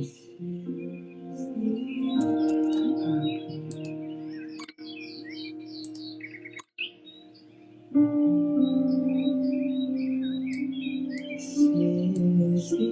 This is the hour.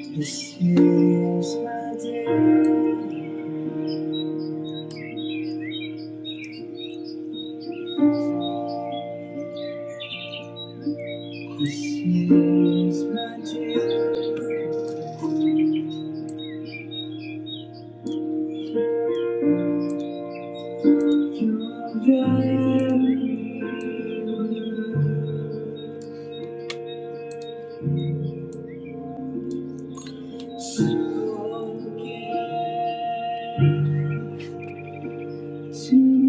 This is my day. This is my day. You're very so get to me.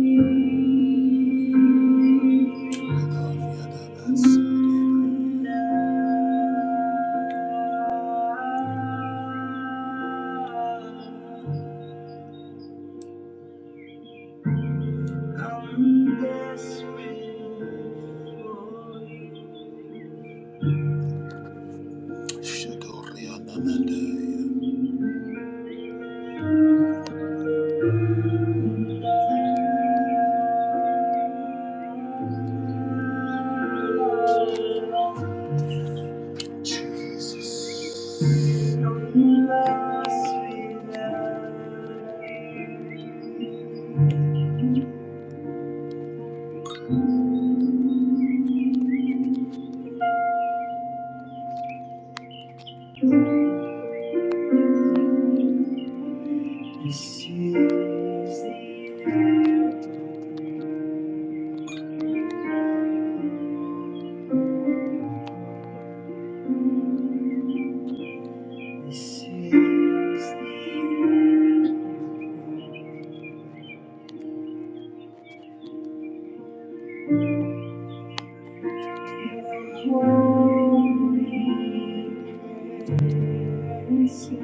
I'm desperate for you. Shadoriana Mandaya. Jesus. Your love without This is the end. This is the end. Your holy presence. This is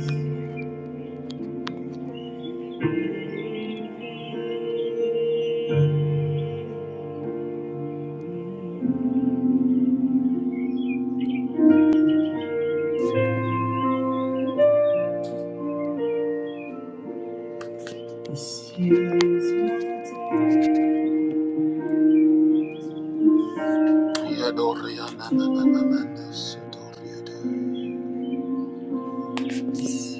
what I- Yadoriana, na, na, na, na, na, na, Lost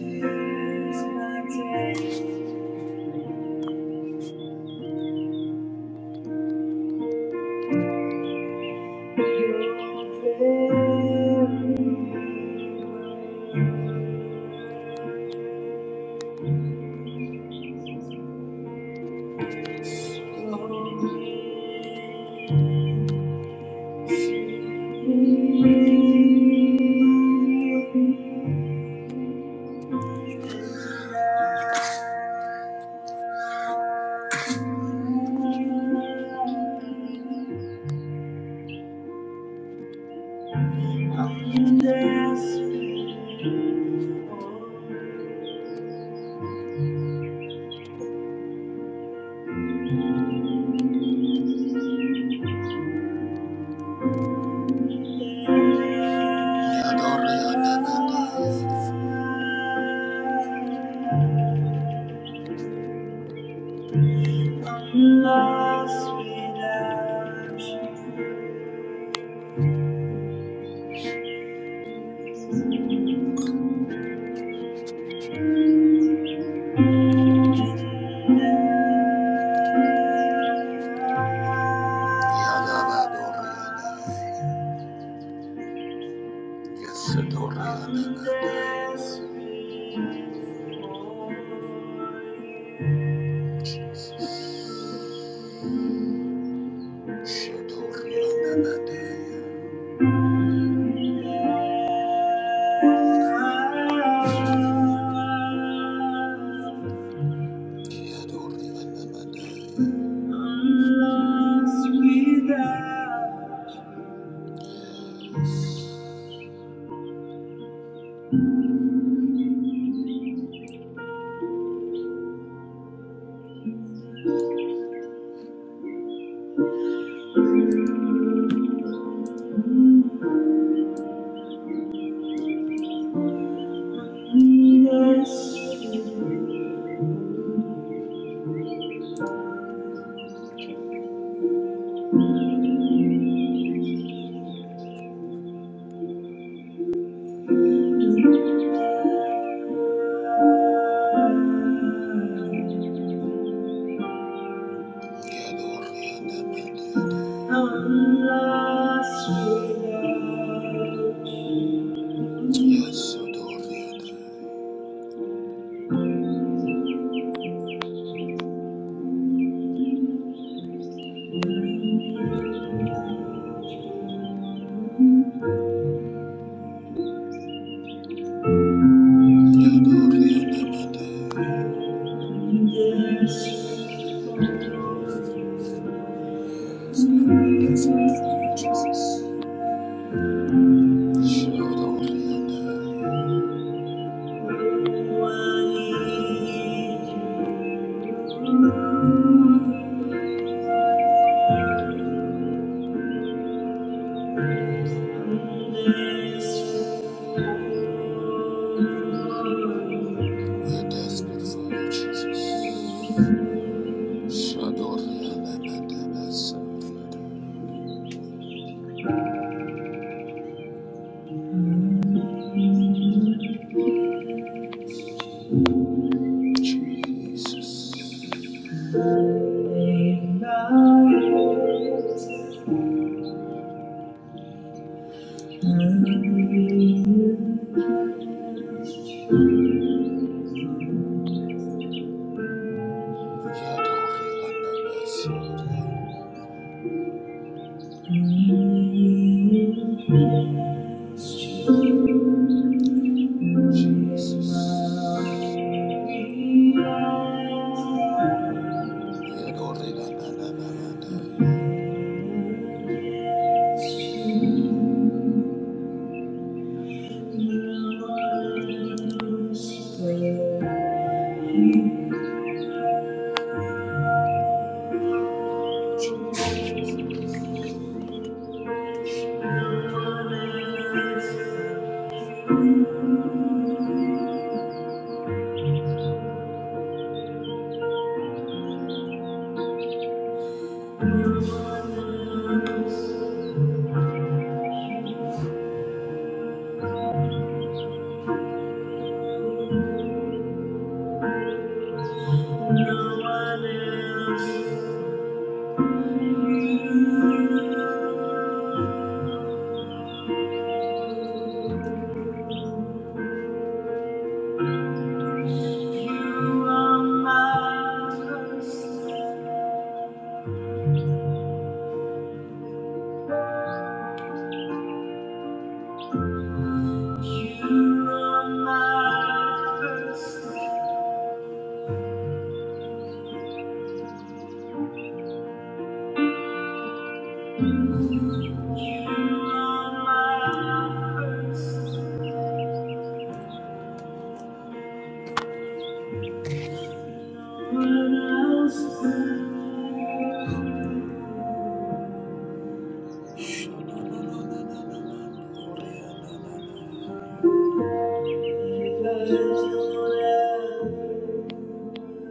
without you. Yes, Adora. Shadori. Yadori. Lost without I'm lost without Yes, Jesus. There's No one else. You, you are my first You are my first You are my first love. What else can I do?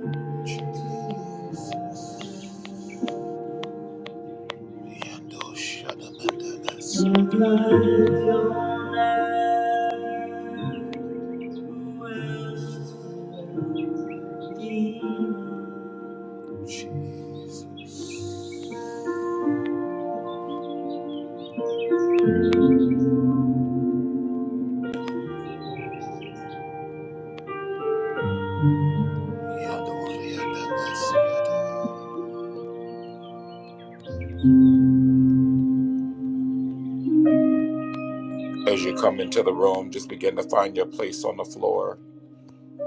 As you come into the room, just begin to find your place on the floor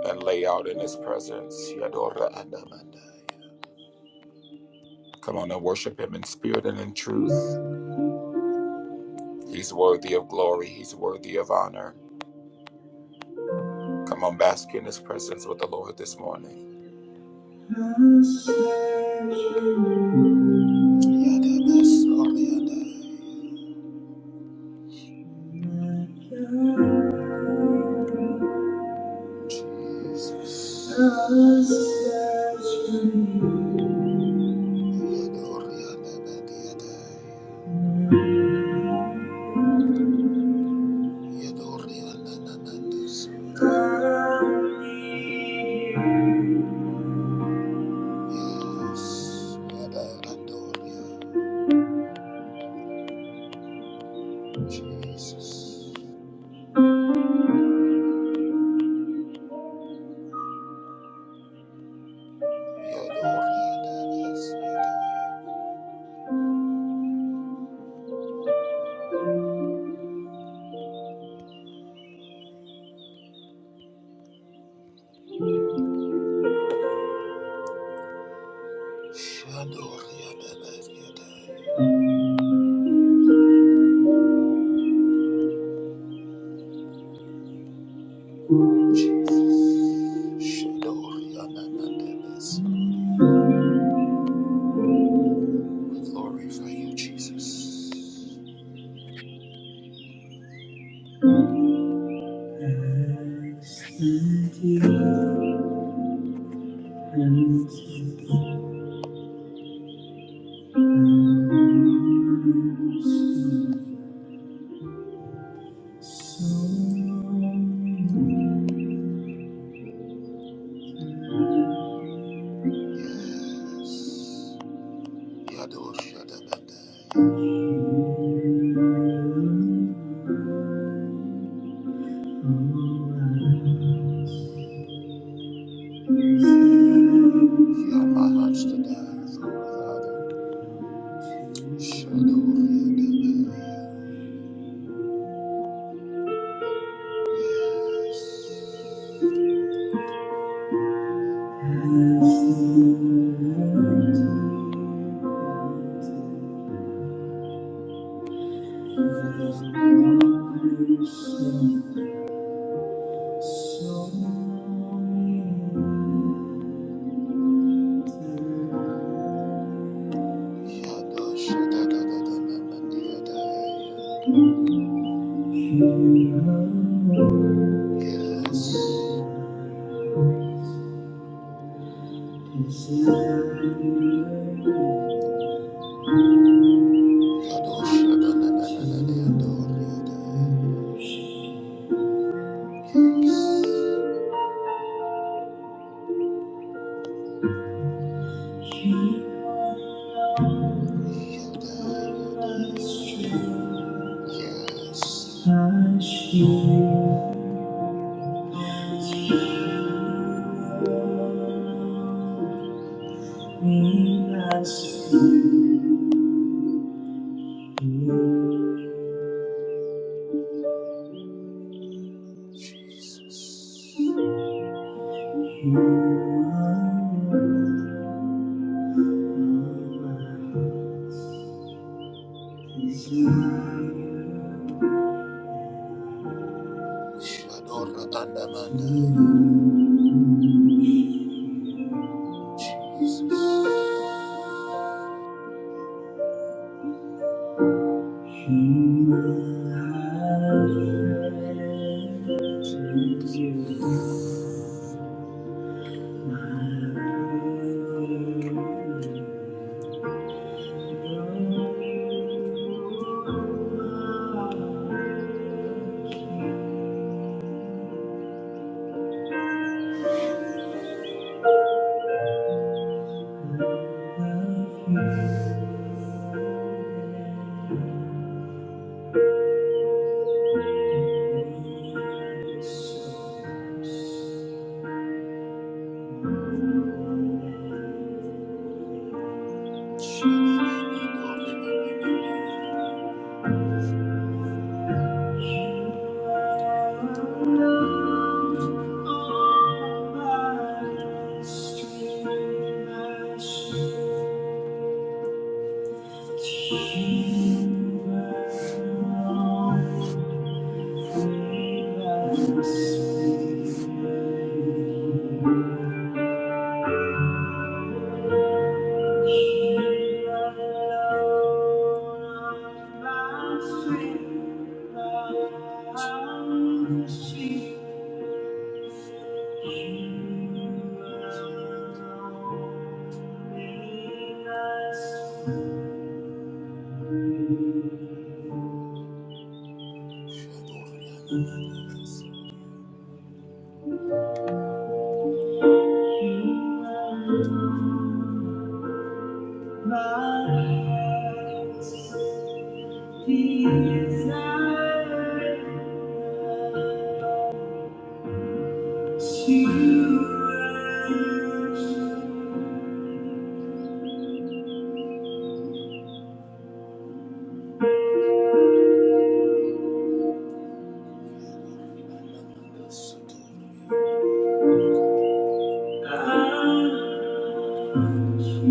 and lay out in his presence. Come on and worship him in spirit and in truth. He's worthy of glory. He's worthy of honor. Come on, bask in His presence with the Lord this morning. Jesus. We glorify you, Jesus. Thank you. Thank you. Yes. Yador Shadabandai. You are my heart's desire, for without a shadow Yes, shadow, shadow, da, da, da, da, da, da, da, da. Yes, shadow, shadow, da, da, da, da, da, da, da, da. Yes. Hush you, me as you Shadora Andamanda. Thank you. Desire to worship. you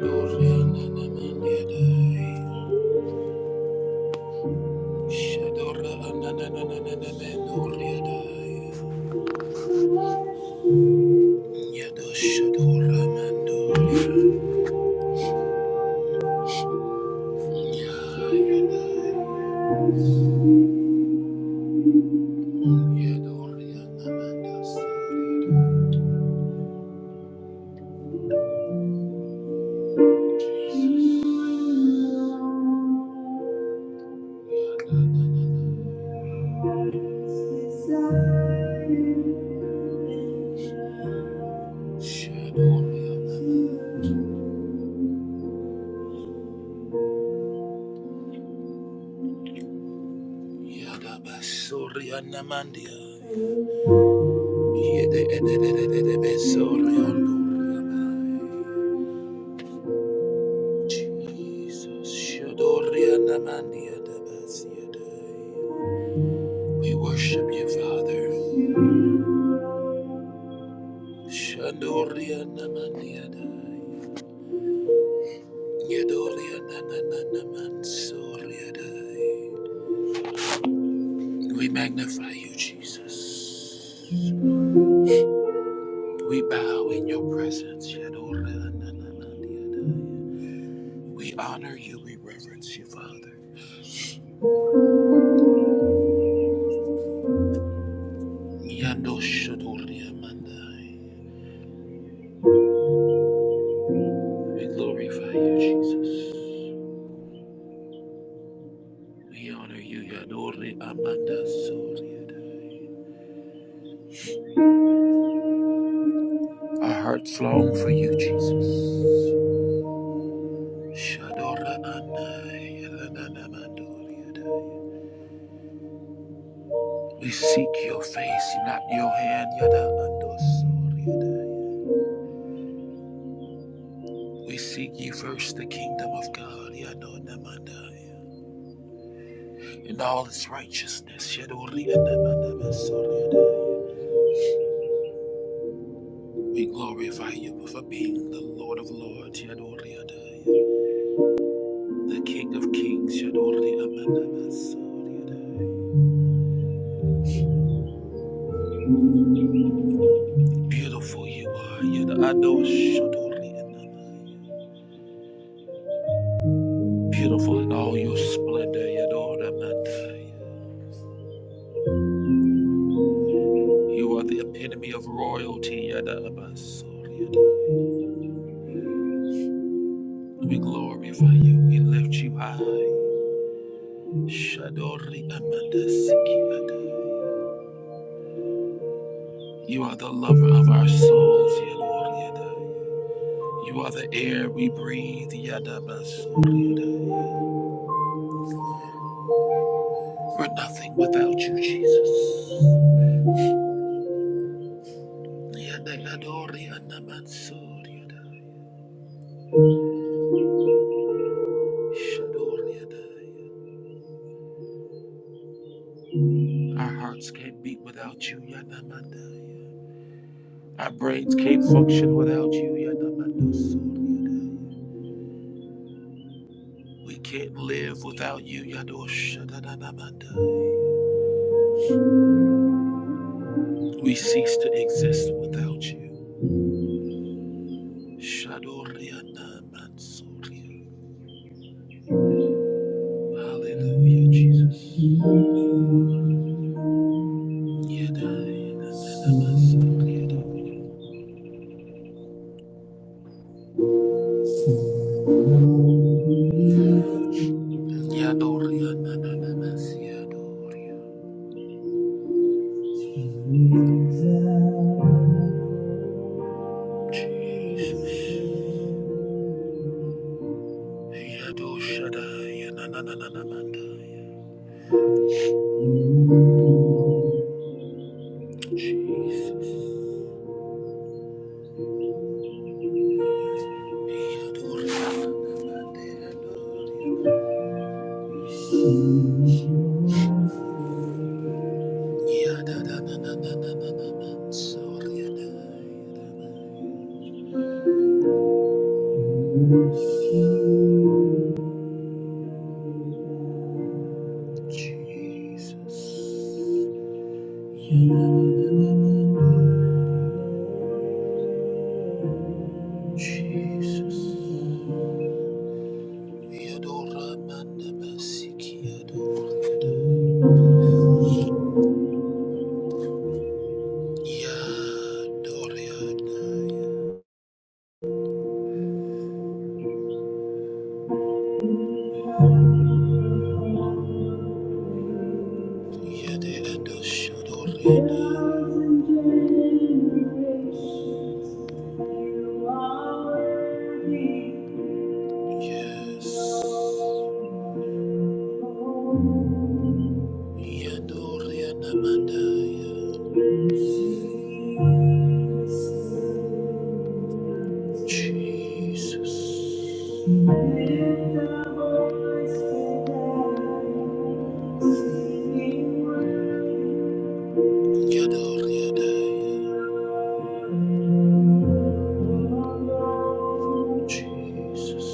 Gloria na na man my dai. Shadora anananananananoriadai. Yado shadora mandoria. Yadoria namandas. Shadoria Yadabasoria namandia. Yede edededededebesoria ndoriadai. Jesus, Shadoria namandia dabasiadai. We worship you, Father. Shandoria Namandiadai. Yadoria Nananamansoriadai. We magnify you, Jesus. We bow in your presence, Yadoria Nananadiadai. We honor you, we reverence you, Father. Yando Yandoshadoria Mandai. We glorify you, Jesus. We honor you, Yadori Amanda Soriadai. Our hearts long for you, Jesus. We seek your face, not your hand. We seek ye first the kingdom of God, and all its righteousness. We glorify you for being the Lord of Lords, the King of Kings, Beautiful you are, Yada Adoshadori beautiful in all your splendor, Yadora Mandaya. You are the epitome of royalty, Yadabasoriada. We glorify you, we lift you high. Shadori Amanda Sikiada. You are the lover of our souls, Yadoriada. You are the air we breathe, Yadabasoriada. We're nothing without you, Jesus. Yadadori Anamansoria. Shadoria. Our hearts can't beat without you, Yadamandaya. Our brains can't function without you, Yadamandosoriyadaya. We can't live without you, Yadoshadadadamandaya. We cease to exist without you. Shadoriyanamansoriyadaya. Hallelujah, Jesus. Yadayadadadam- Yadoria. Jesus. Jesus. Jesus. Yadidadoshodorina. Yes. Yadorianamandaya. Jesus. Jesus.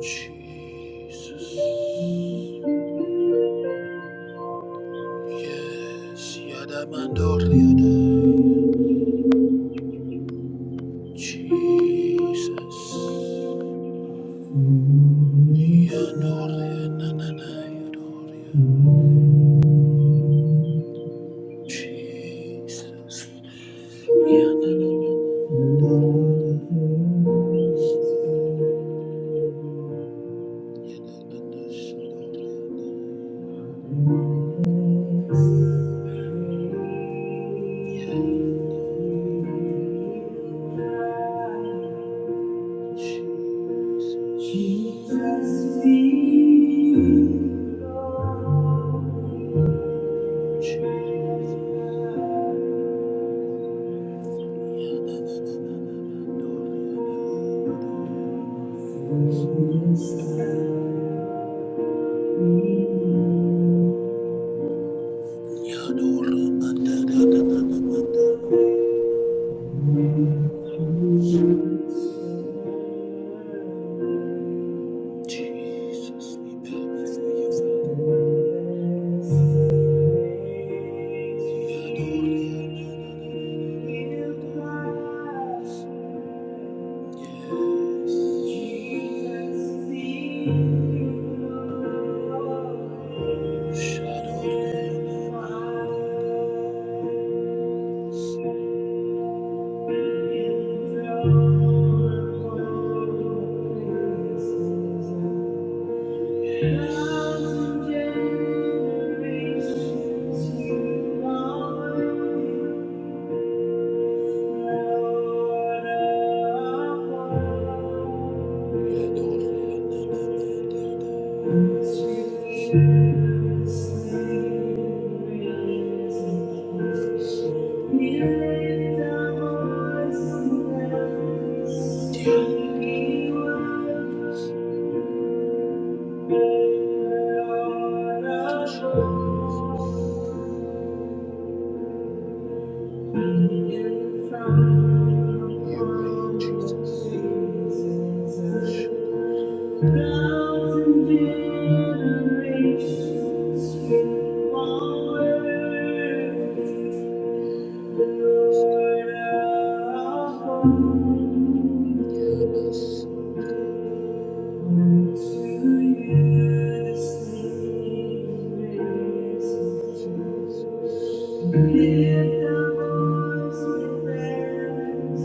Jesus. Yes. Yadamandoriadaya. Jesus. Yadorianananaya. Jesus. Yadamandoriadaya. Jesus, be Lord. Jesus, we bow before you, Father. We adore you. Thank you. Jesus. Thousand generations from all earth, Lord, our God, to you this name is due. Lift our voice with reverence,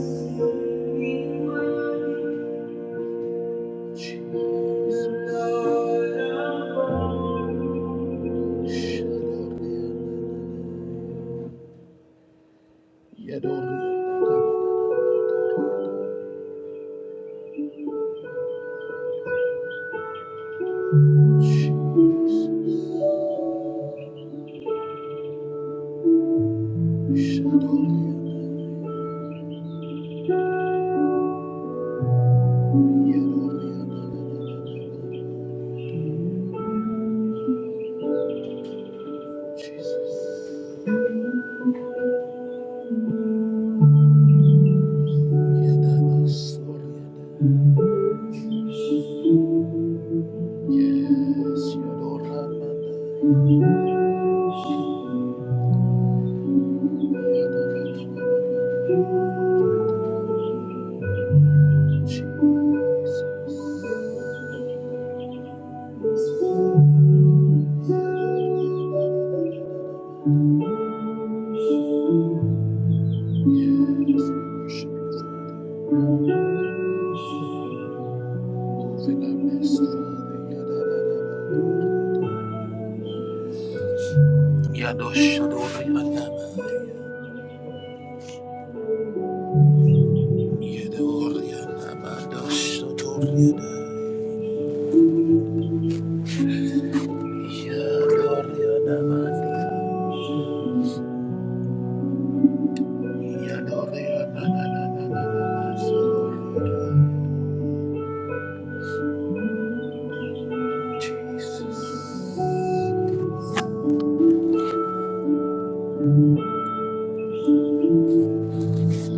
we worship you, Lord, our God. Jesus.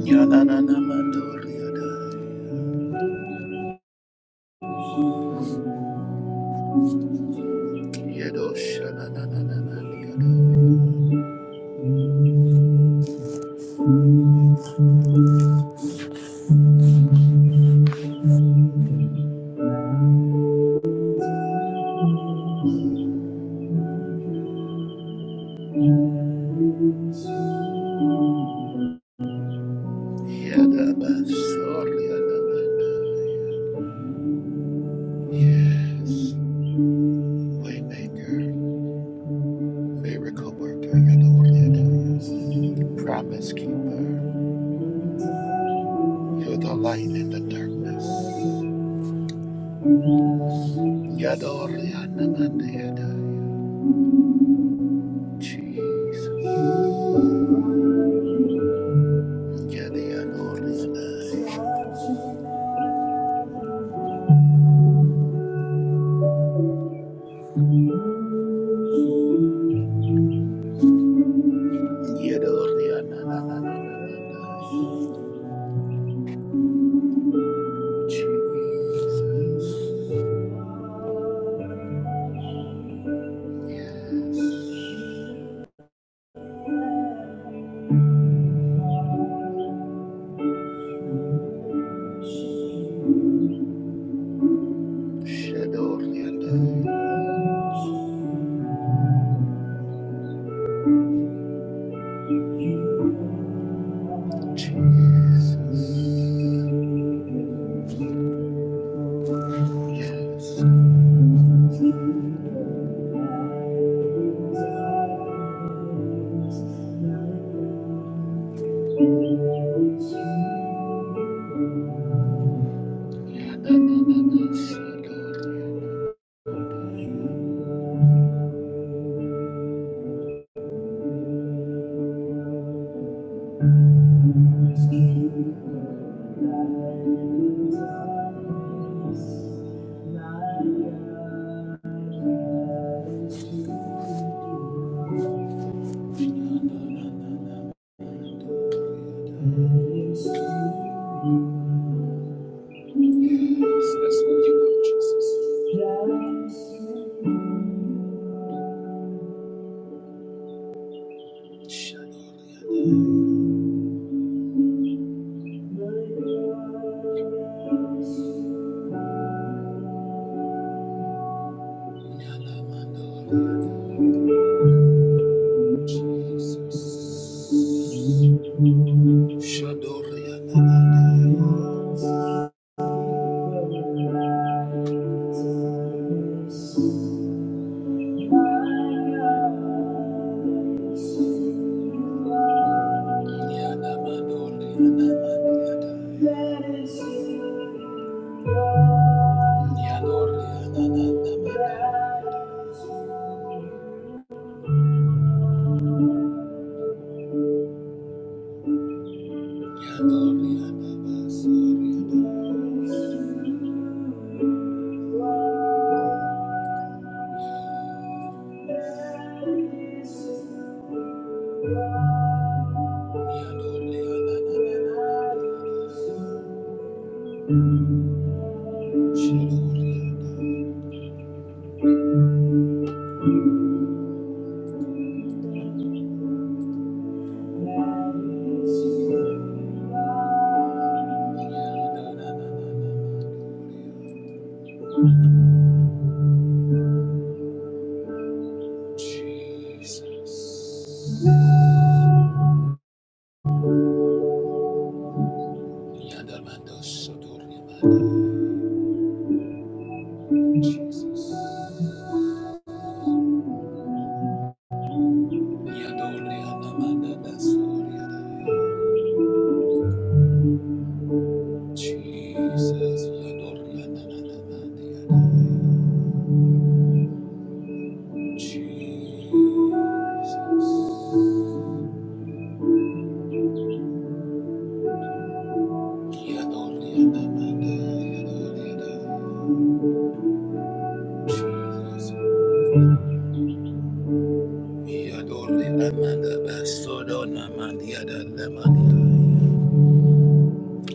Yes, Waymaker, miracle worker, Yadoriadai. promise keeper, you're the light in the darkness. Yadorianamandiadai. Jesus. Yadoriadai. Yadoriananananananai. Jesus. Shadow Rianda. Jesus. Yes. Yada da da da. Shadow Rianda. That's who you are, Jesus. Shalom. Yalamando, Jesus. Shadoria. Yalamando, Rianamando, Yadoria, Nanamando. Jesus. Yandamando Sodoria Jesus. Yandoria Namanda Soria Jesus. Yandoria Namanda Jesus. Yandoria Namanda Jesus. Yadori amanda basodo namandi adadamandi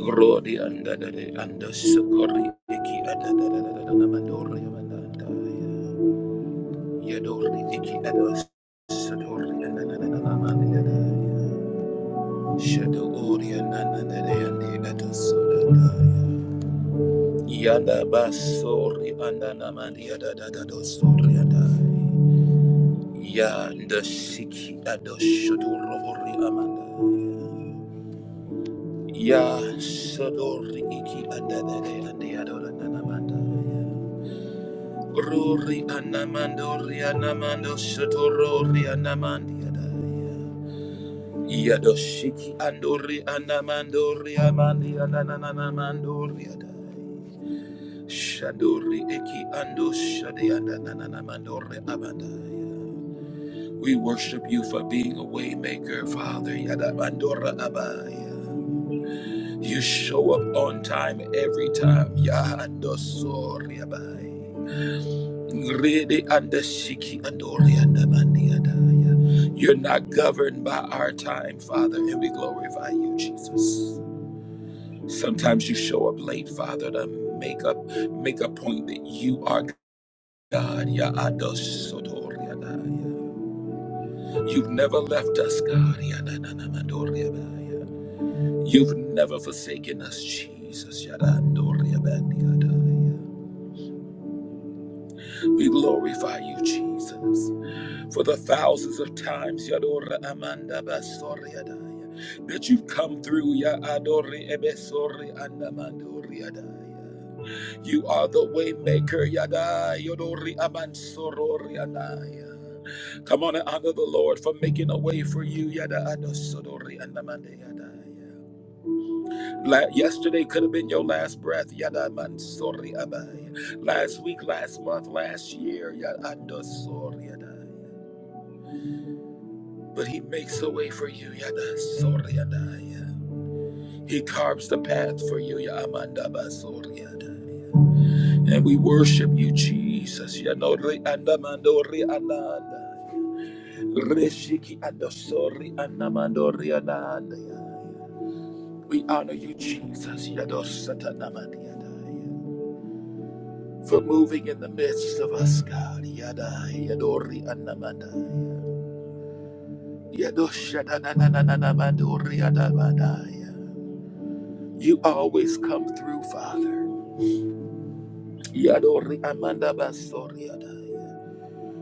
Rodi andadade andasukori iki adadadadadamadori amandandaya Yadori iki adasadori andadadadamandi adaya Shadori anandadade andi adasodadaya Yanda basori andanamandi adadadadosori adaya Yanda siki adoshodoro ori amandaya Ya Sadori Iki Adadade and the Adora Nanamanda. Rori Anamando Rianamando Sotoro Rianamandiada. Yadoshiki Andori Anamando Riamandi Ananamando Riada. Shadori Eki Ando Shadianda Nanamandore Abandaya. We worship you for being a waymaker, Father Yadamandora Abaya. You show up on time every time. Yahando soriabai. Rede anda shiki andori andamandi andaya. You're not governed by our time, Father, and we glorify you, Jesus. Sometimes you show up late, Father, to make up make a point that you are God. Yahando sotori You've never left us, God. Yadananamandori andaya. You've never forsaken us, Jesus. Yadandori abandi andaya. We glorify you, Jesus, for the thousands of times Yadora Amanda Basoriadaya that you've come through Ya Adori Ebesori Andamandoriadaya. You are the waymaker, Yada Yodori Amansorori Anaya. Come on and honor the Lord for making a way for you, Yada Adosodori Andamandeyadaya. La- yesterday could have been your last breath. Yada man abai. Last week, last month, last year. Yada ando adai. But he makes a way for you. Yada sorry adai. He carves the path for you. Yada amanda ba adai. And we worship you, Jesus. Yanori andamandori ananda. Reshiki andosori andamandori ananda. We honor you, Jesus. Yadosata namandi adai. for moving in the midst of us, God. Yada Yadori Anamandai. Yadoshadadadadadamadori Adabadai. You always come through, Father. Yadori Amanda Basori Adai.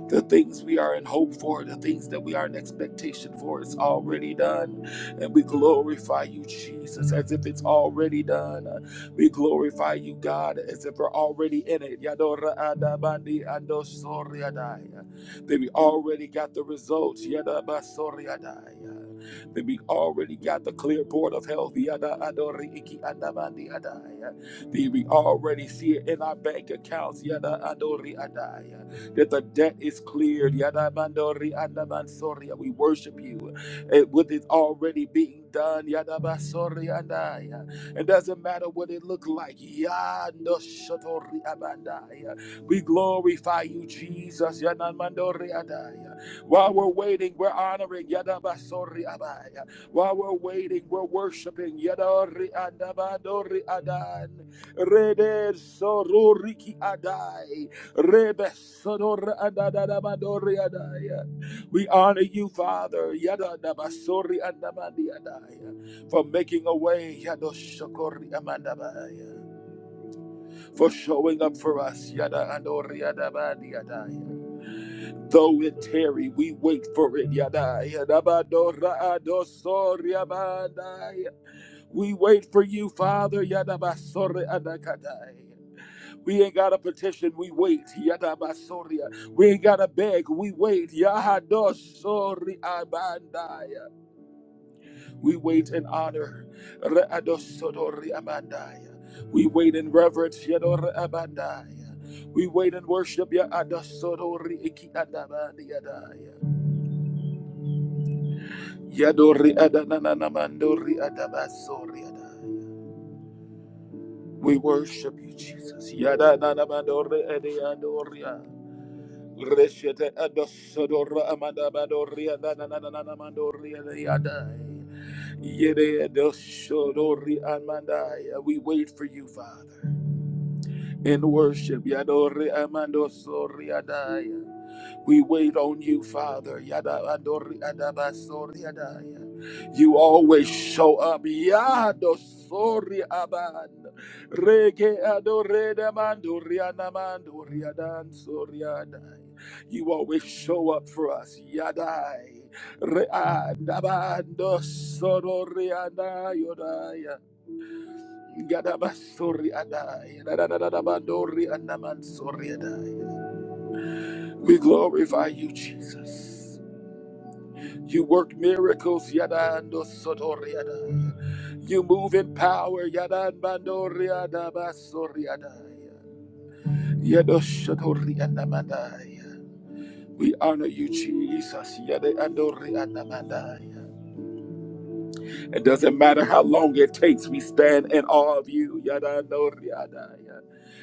The things we are in hope for, the things that we are in expectation for, it's already done. And we glorify you, Jesus, as if it's already done. We glorify you, God, as if we're already in it. Yadora That we already got the results. Yadabasoriadai. That we already got the clear board of health. Yada That we already see it in our bank accounts that the debt is cleared. Yadabandori andabansoria. We worship you eh, with it already being done. Yadabasori andaya. It doesn't matter what it looked like. Yadoshotori abandaya. We glorify you, Jesus. Yanamandori andaya. While we're waiting, we're honoring. Yadabasori abaya. While we're waiting, we're worshiping. Yadori andabandori adan. Rede sororiki adai. We honor you, Father, yadadabasori andamandi adaya, for making a way, yadoshokori amandabaya, for showing up for us. yada andori adabandi Though it tarry, we wait for it. yadaya, dabadora adosori abandaya. We wait for you, Father. yadabasori adakadaya. We ain't got a petition, we wait. Yadabasoria. We ain't got to beg, we wait. Yahadosori abandaya. We wait in honor. Readosodori abandaya. We wait in reverence. Yadora abandaya. We wait in worship. Yadosodori iki adabandi adaya. Yadori adananamandori adabasori adaya. We worship you, Jesus. Yadananamandori adiadoria. Reshete adosodora amanda badoria da Yede adosodori amanda. We wait for you, Father in worship. Yadore amando sori We wait on you, Father. Yada adaba sori You always show up. Yado sori aband. Rege adore damando rianamando riadan sori You always show up for us. Yadai. Re adabando soro riadaya. We glorify you, Jesus. You work miracles, You move in power, We honor you, Jesus. It doesn't matter how long it takes, we stand in awe of you. Yada no yada. yada.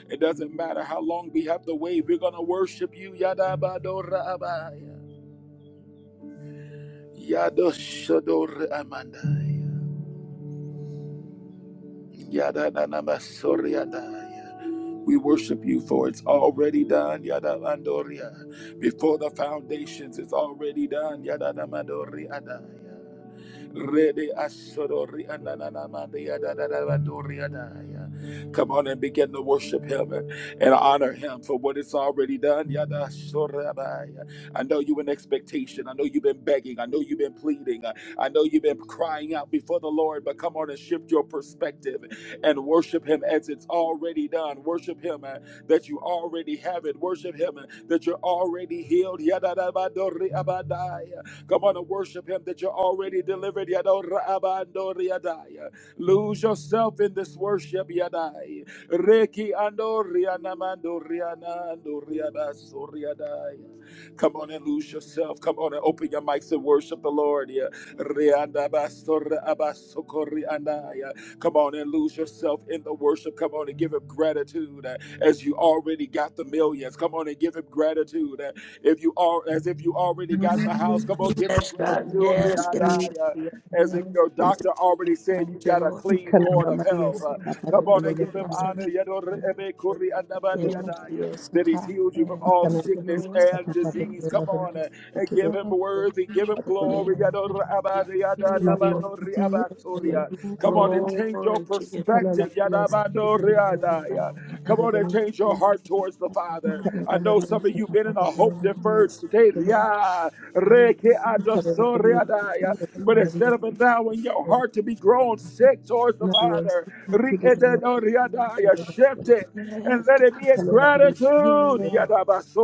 It doesn't matter how long we have to wait, we're gonna worship you. Yada ba do Yada shado amanda. Yada na na masoria da We worship you for it's already done, Yada Mandoria. Before the foundations, it's already done, Yada na Mandoria da ya. Rede asodori ananana mande yada da da mandoria da Come on and begin to worship him and honor him for what it's already done. Yada sorabaya. I know you in expectation. I know you've been begging. I know you've been pleading. I know you've been crying out before the Lord, but come on and shift your perspective and worship Him as it's already done. Worship Him uh, that you already have it. Worship Him uh, that you're already healed. Yadadabadoriabadaya. Come on and worship Him that you're already delivered. Yadorabadoriadaya. Lose yourself in this worship. Yadai. Reki andorianamandorianandoriabasoriadaya. Come on and lose yourself. Come on and open your mics and worship the Lord. Yeah. Rianda basora abasokori andaya. Come on and lose yourself in the worship. Come on and give him gratitude uh, as you already got the millions. Come on and give him gratitude uh, if you are as if you already got the house. Come on, give him Yes, God. gratitude. Yes, God. Riandaya. As if Yes. your doctor already said you Thank you, got a Lord. clean board of health. Yes, Uh, thank you, Come on Father, and for give the him honor. Satan. Yadore ebe kuri andabandi yes, andaya. That he's healed you from yes, all thank you, sickness Lord. and disease. Come on. uh, and give him worthy, give him glory. Maria Thank you, Lord. Come on and change your Glory to you. perspective. Amen. Yes, Come on and change your heart towards the Father, Father. we thank I you know some of you for been in a hope deferred state. the Satan. Yeah. Yes, yes, yes, God. Yes, Ikareba Maria Sikirina But Maria instead of allowing your Sakarina heart to be grown sick towards the Maria Father, Sikirina Maria Sikirina Ikareba shift it and let it be in Maria Sikirina Maria gratitude.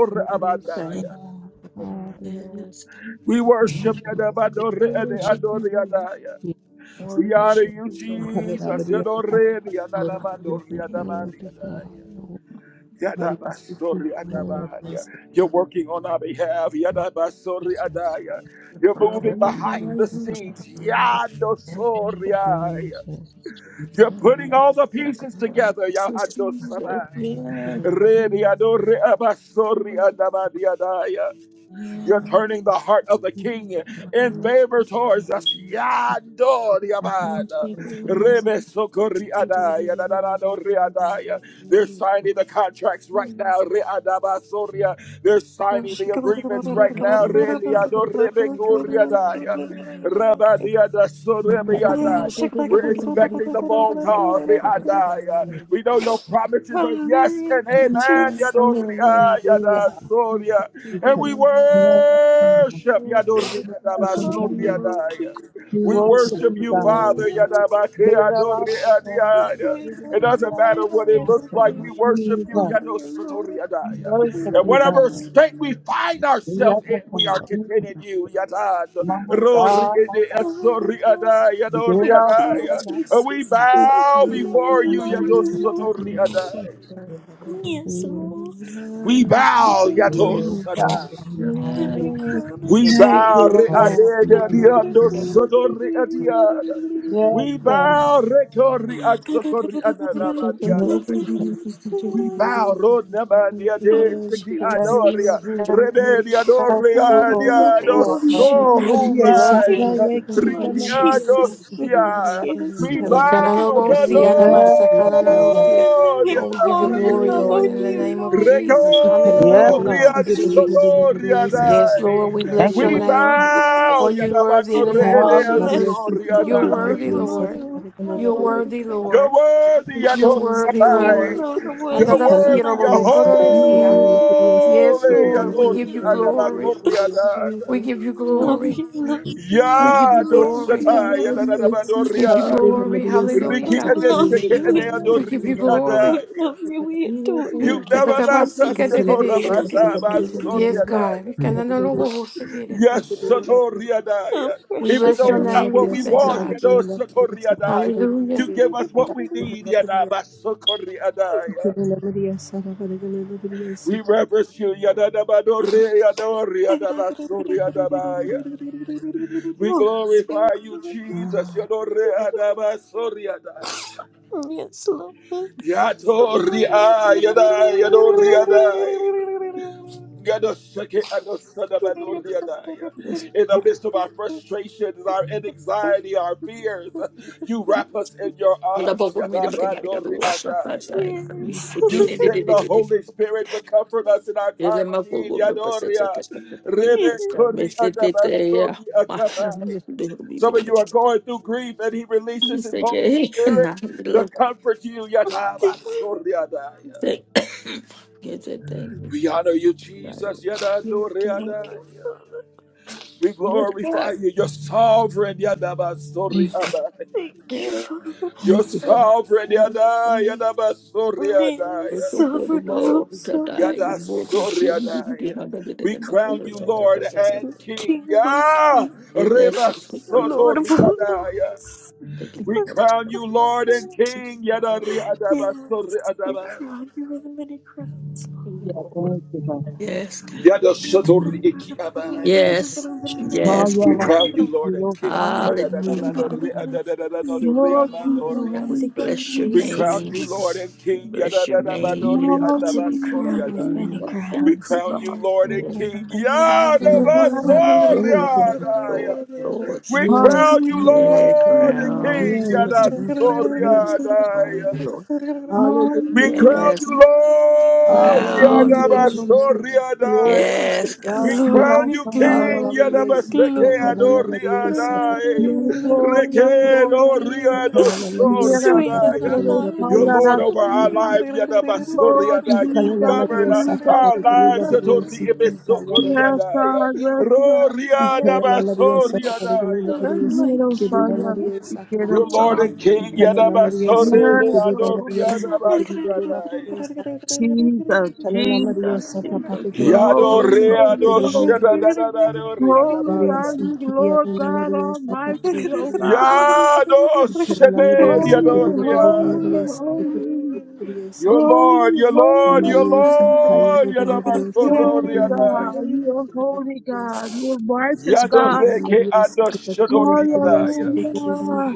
Praise God. thank Ikareba Hallelujah. Yes, God. We worship Yadabadore Ede Worship Adore you, Lord. Yadaya. The We honor Worship you, you, Lord. Maria Sakarina Maria Sikirina Maria Sikirina Maria Sakarina Ikareba Jesus. Maria Sakarina Yadore Maria Sikirina Yadanamandore Hallelujah. word Yadamandi of God. Yadaya. The Maria Yadabasori word of Maria Adabaya. You're working on our behalf. Yadabasori Jesus. Adaya. You're moving Sikirina Maria behind Thank the Sakatarina scenes. Ikareba Maria Yadosori Adaya. Jesus. You're Sikirina putting all the pieces together. Yahadosamai. Re Yadore Abasori Adamandi Yadaya. You're turning the heart of the king in favor towards us. Yandoriabad. Rebe sokori adaya, dadadadori adaya. They're signing the contracts right now. Re'adabasoria. They're signing the Hallelujah, Jesus, agreements right now. Re'diadorebekuriadaya. Rabadiadasorebeadaya. We're expecting the phone call. Re'adaya. Jesus. We know your you. promises are yes and amen. Hallelujah. Yadoreadasoria. And we Yes, God. worship. Yes, oh love God. you, Yadoreadabasoria. King. We We worship worship you, you, God. Father. Yadabakea dori Yadadadadada. adiaya. We Jesus. It are We doesn't matter alive what by it looks like. We everything. worship you. Oh, Yado dear sotori Lord. adaya. worship And Lord. you, God. whatever state we find ourselves in, Yadadadada. we are containing you. Yadad. My Rori God. edi esori adaya, dori Thank you, Lord adaya. Yadadadada. And we Jesus. Love bow you, love you, before you. love Yado Hallelujah. sotori Jesus. adaya. you, Lord. Yes, We bow. We Yado Lord. will go over Jesus. sataya. you. And we Hallelujah. crown at your We Thank feet, bow you, readed Lord. Lord Hallelujah. Lord. the readediando Jesus. sotori adiada. Yes, We God. bow retori asotori Yes, anadabadiada. We bow rodabadia de siki Jesus, adoria. Rebedia Yeah. doria Lord. let me diado Thank wash at your Yes, sorubai. feet. Lord. Lord Rikiado Jesus, with our shia. tears, We Lord. bow Yekananobosia, Yes, Lord. namasakananosia. We redoria. Oh, we give you pour our glory, love Lord, on in the you, name of Lord. Rekoria You Jesus. alone are Hallelujah. Yes, worthy. God. Bohosikididisi. Sotoria We Love Yes, Lord, Dai. we Thank bless you, your You We God. name. alone are worthy. For bow you Maria worthy in Yadabado the name of Oh, Redea Hallelujah. Jesus. blessings, Soria oh, You're Dai. glory, worthy, oh, you. Lord, Lord. oh, You're worthy, power. You're Lord. worthy You're worthy, You Lord. Yadosatai. alone are You're worthy, Adadasira worthy Adonai. Yahole bohokororesia. you. Yes, Lord, we give you Yadoria glory. Dabakoria Dai. We give you Love glory. you, love you, We love you, give you love glory. you, Yadosatai Maria Give you Yadadabadoria. glory. Hallelujah, Riki love God. you. Love Edeseke you, we love, Edeado We give you Riki glory. we Adai. love you, we adore you, You've Yes, King never left us, Jesus. Yatorabata God. Basoria Praise Yes, Our Satoriadaya. We Even precious bless though your it's not name what broken this we day, want, you God. King. know, God. Satoriadaya. Hallelujah. You give us what we need, Yadaba Sokoriadaya. We reverence you, Yadabadore, Yadore, Oh, Yadabasoriadabaya. We speak, glorify you, Lord. Jesus, Ah, Yadore, Yadabasoriadaya. Yes, Lord. Yes. Yatoriadaya, Yadoriadaya. yes. In the midst of our frustrations, our anxiety, our fears, you wrap us in your Ela arms. bobo mi de beke mari ka do sa pa Mi se ke You ne de de sent the de de de. Holy Spirit to comfort us in our Ele time of ma bobo need. me pese se ke sa ke pe me me se te te ya. Ma ya mi de mi Some de of you are beke. going through grief, and He Mi releases His se ke Holy na Spirit de to lo comfort you. Thank se ke se te. We honor you, Jesus. Yo ke ma you, Father. We yo ka. glorify you. You're sovereign, Yadaba Thank Soriaba. Thank you, Father. You're thank you. sovereign, Yada Yadaba Yes, Soriadaya. Eso por sovereign uma of all hora tá aí, Yada sovereigns. bom, sim, bem, de Soriadaya. nada de ter We uma crown coisa, you, Lord and You're King King. of all Ya kings. Yes, Reba Lord of all Sotoriadaya. lords. We crown you, Lord and King. Yada Riadaba Yes. We Soriadaba. crown you with many crowns, Hallelujah. Thank you, God. God. Yada Sotori Lord. Ikiabai. Yes, yes, We Hallelujah. Father. crown you, Thank Lord you, and Lord. King. Yada da da Hallelujah, da Hallelujah. Hallelujah. da Father. da da da da da da da Oh, You da are Yes, da the Jesus, da. God, we worthy Jesus, King bless your We Jesus. Jesus crown name. you Lord and We King. bless your Yadadadamadori name. to be Hallelujah, crowned with andabasoriadai. many Jesus. Hallelujah. We Thank crowns. you, crown God. you Lord and Oh, King. thank Yadabasoriadai. You're Yes, God. welcome. you, Yellow Lord, Lord. We Yes, crown you God. Hallelujah, Yeah, Lord and Jesus. crown, you, King. Yes, Lord, God. Yes. Yadasoriadai. crown, you, Lord. Hallelujah, We crown Hallelujah. Jesus. you, Yes, Lord. crown, Thank you, Hallelujah, you, Lord. Lord. Jesus. Glory Riadabasoria Yes, to God. we God. Yes, crown Glory, you I king, will. Hallelujah, glory, ACP. Yadabaseke glory. Ado Hallelujah, Satan. Riadai, Yes, Lord, yes, Rekedo Lord. Riado Yes, Hallelujah, Sweet Satan. and Hallelujah, Soriadai. yes, alive. You're I Lord over our Satan. will. life, Oh, Yadabasoriadai. You you Hallelujah, Jesus, Maria govern uh, Sata Jesus, our Parigolo lives, Jesus. Labria Siti Kayadana. Yes, Yatoriebesokoriadai. God. Yes, Ro God. Hallelujah, Yes, Maria Sata Riadabasoriadai. Parigolo Labria None Siti Quiero like you, Kedana fallar, Maria Sata. quiero You're Lord fallar. and King, Kanana Maria Siki Yadabasore de Yes, Guruna Ado Maria Lord. Siki Guruna Maria Riadabasiadai. Sata Jesus, Kanana Maria Jesus, Sata Jesus, Patikana you're Yado Maria holy, Siki holy, reado Guruna holy. shada Maria da da Sata da do reada Lord. Holy Maria are badia. you, Siki Lord Yanana God Maria Sata Thank Kanana Almighty, you, O Father. Thank you, God. Yado shede Maria Siki Kanana Maria Siki diado Holy, Guruna holy, Maria reada. Siki Guruna holy, Maria Your Sata Lord, holy, your Lord, your Maria Siki holy. Lord, Yanana yada Maria Siki masoro Holy Guruna Maria Sata Kanana Maria Siki Guruna Maria Siki Guruna Maria reada. Sata Maria God, you are holy God, you are righteous Yado God. reke ado shado reada. Father. Hallelujah.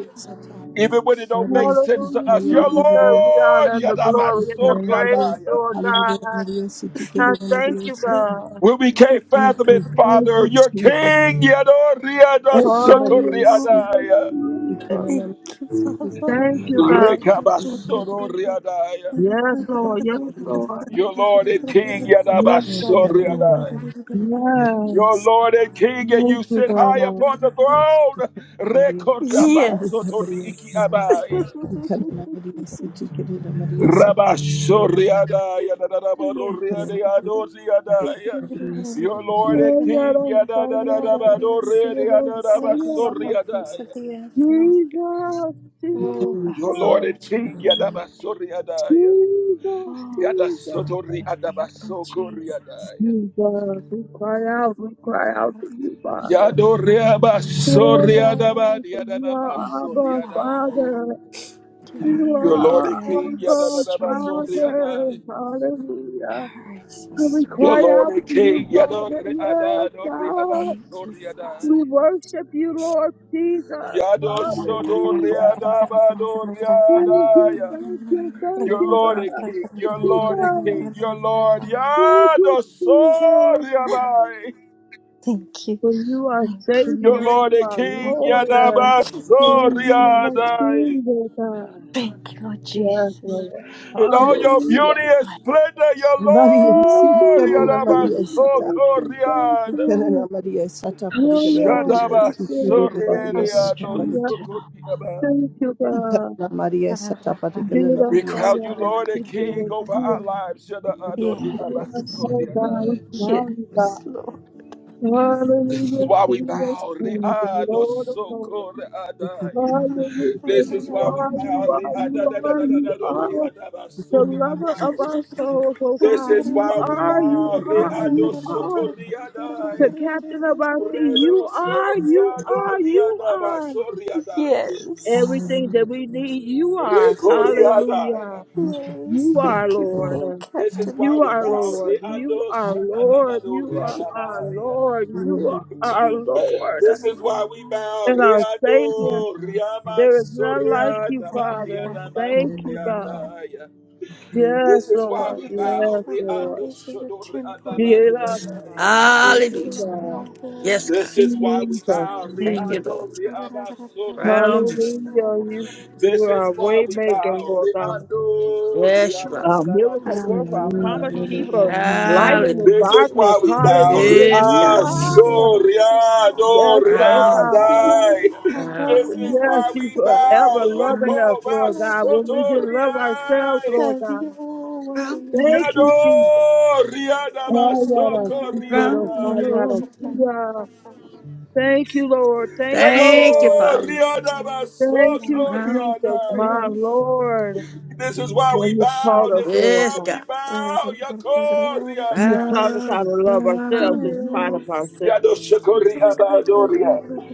Even when it don't make Siki sense to Hallelujah. us, You your Yanana deserve Maria the Lord, honor and the yada glory and the masoro praise, Hallelujah. reada. Lord Hallelujah. God. Maria, City, give I it a thank Maria, you, City. God. When we can't Thank fathom it, you. Thank Father, you, your Jesus. King, yado reada Thank you, Maria, City. Hallelujah, sokoriada. Jesus. Hallelujah. City, give it a Thank you, Maria, God. City. Hallelujah. Rekabasororeadaya. Yes, Lord. Yes, Maria, Lord. City. Your Lord and King, Yes, Lord. Thank Hallelujah. you, Father. Yadabasoreadaya. Glory. Yes. Your Lord and King, and you Thank you, sit high God. upon the Bless throne. Maria, City. Hallelujah. Maria, Yes. your Yes. Rekorzabasotoriikiabaya. presence. Yes, City. Hallelujah. Maria, City, give it a Maria, City. Hallelujah. Rabasoriadaya, Hallelujah. Yes. Maria, City, give it a dadadabaroreadayadosiadaya. Maria, City. Hallelujah. Maria, City. Hallelujah. Sitting Maria, City. over Your Lord Lord. Hallelujah. and King, Jesus, the circle circumference of yadadadadabadoreadayadadabasoreadaya. the earth, Lord. Oh, Your bows Lord low Jesus, and at your King, feet. Yadabasoreadaya. Jesus, Oh, Yada bows Jesus. low at sotori your feet, Lord adabasoko Jesus. riadai. Jesus, we cry out, we cry out to you, Father. Yadoreaba Oh soriadaba God, for you diadanaman are Thank you, our Father. Father. soriadai. You are You the Your Lord are and King undergirding our yadanaba strength. Father. soriadai. Hallelujah. that Carries And us we through, Your cry Lord out Lord. and to you, King Father. Yes, yadoreada doreaba God. Thank you, Father. We soriadai. worship you, Lord Jesus. Yado Thank Hallelujah. shodoreadaba Thank you, doreadai. thank you, thank Your you, God. Lord and King, Thank your you, Lord and King, God. your Lord Thank yado you, Jesus. soriabai. you. For you are Thank you, Your Savior, Lord. Lord you and are Yes, King Lord, uh, yadanaba and you are Lord. soriadai. King, oh God. Thank you, Lord Yes, Jesus. Lord. In You all have your saved Hallelujah. beauty and my splendor, your Yes, Lord, Lord need, Maria, Jesus, City. thank you, thank Yadabasokoriad, Ikana na you. Maria sata our parigala na Hallelujah. shelter, Maria Thank sikiri you, na our Maria Father. sata strong Yes, parigala. tower. Shadabasorediadosokoriaba. thank you, Ikana God. na Maria sata parigala Dear na we Maria crown you, sikiri. Father, Lord and thank King, you, over dear, our lives. Yes, dear, oh God, we Shadaadoriabasoriadai. crown you, yes, God. Lord. This is Hallelujah, why we King of bow. Kings, and Lord of Lords. are. You Riadosokoriadai. are, you This is why we are, you bow. are, you are the lover of Riadadadadadadadoriadabasoriadai. our souls, oh This God. is You why we are, you bow. are, Reado you are the sokoriadai. captain of our sea. You Redo are, you soriado are, you riadaba are soriadai. Yes. everything that we need. You are. Hallelujah. Rekoriadai. Yes. You are, Yes, Thank you for Lord. Lord. being This is captain of why You we our are bow. Lord. vessel. You Reado are Lord. shadanado You are our riadai. Lord. You are our King and Lord This captain of is our why we life. bow. and our Savior. Reado riaman There is none like you, soriadaba Father. riadaba Thank you, God. Hallelujah. soriadai. Yes, This is why Lord. we bow. Yes, Lord. Reado Bodies of the shodo temple, riadaba Give Lord. us, riadai. God. Yes, Hallelujah. Temple of God. your Yes, Holy God. This is Spirit. why we Jesus, bow. Thank you, Lord. Jesus. Riado, Honor riabaso, Crown you. Hallelujah. riadai. You, you This are is a why way we maker, bow. Lord God. Riado, Yes, you are. A riadadadadado, miracle us, be worker, a Hallelujah, promise riadai. Lord keeper, honorable God, vessel. light in Hallelujah. the hallelujah. This For is you darkness. why we bow. Hallelujah. Yes, You God. honorable are. Riaso, vessels, God. riado, Yes, Lord Crown you. You God. are the riadai. potter, Crown, This we is are Yes, the why you we clay, forever bow. Lord. loving crown us, Yoko Lord God, when basoto we didn't love ourselves, riai. Lord Have God. your way, you. Thank Yado you, Lord. Jesus. Oh, yeah, riadabaso Crown oh, you, riadai. yeah, Lord. yeah. Thank you, Lord. Thank you, Thank you, Yado Father. Lord. riada Thank you, basoko Crown Jesus, you, riadaya. my Lord. Lord. This is why When we you bow. called us, This is Lord Yes, why God, we God. bow. Yako Yahweh. you taught riadaya. us Crown how to you, love ourselves crown you, in spite Lord. of ourselves. Yado shoko riaba adoria.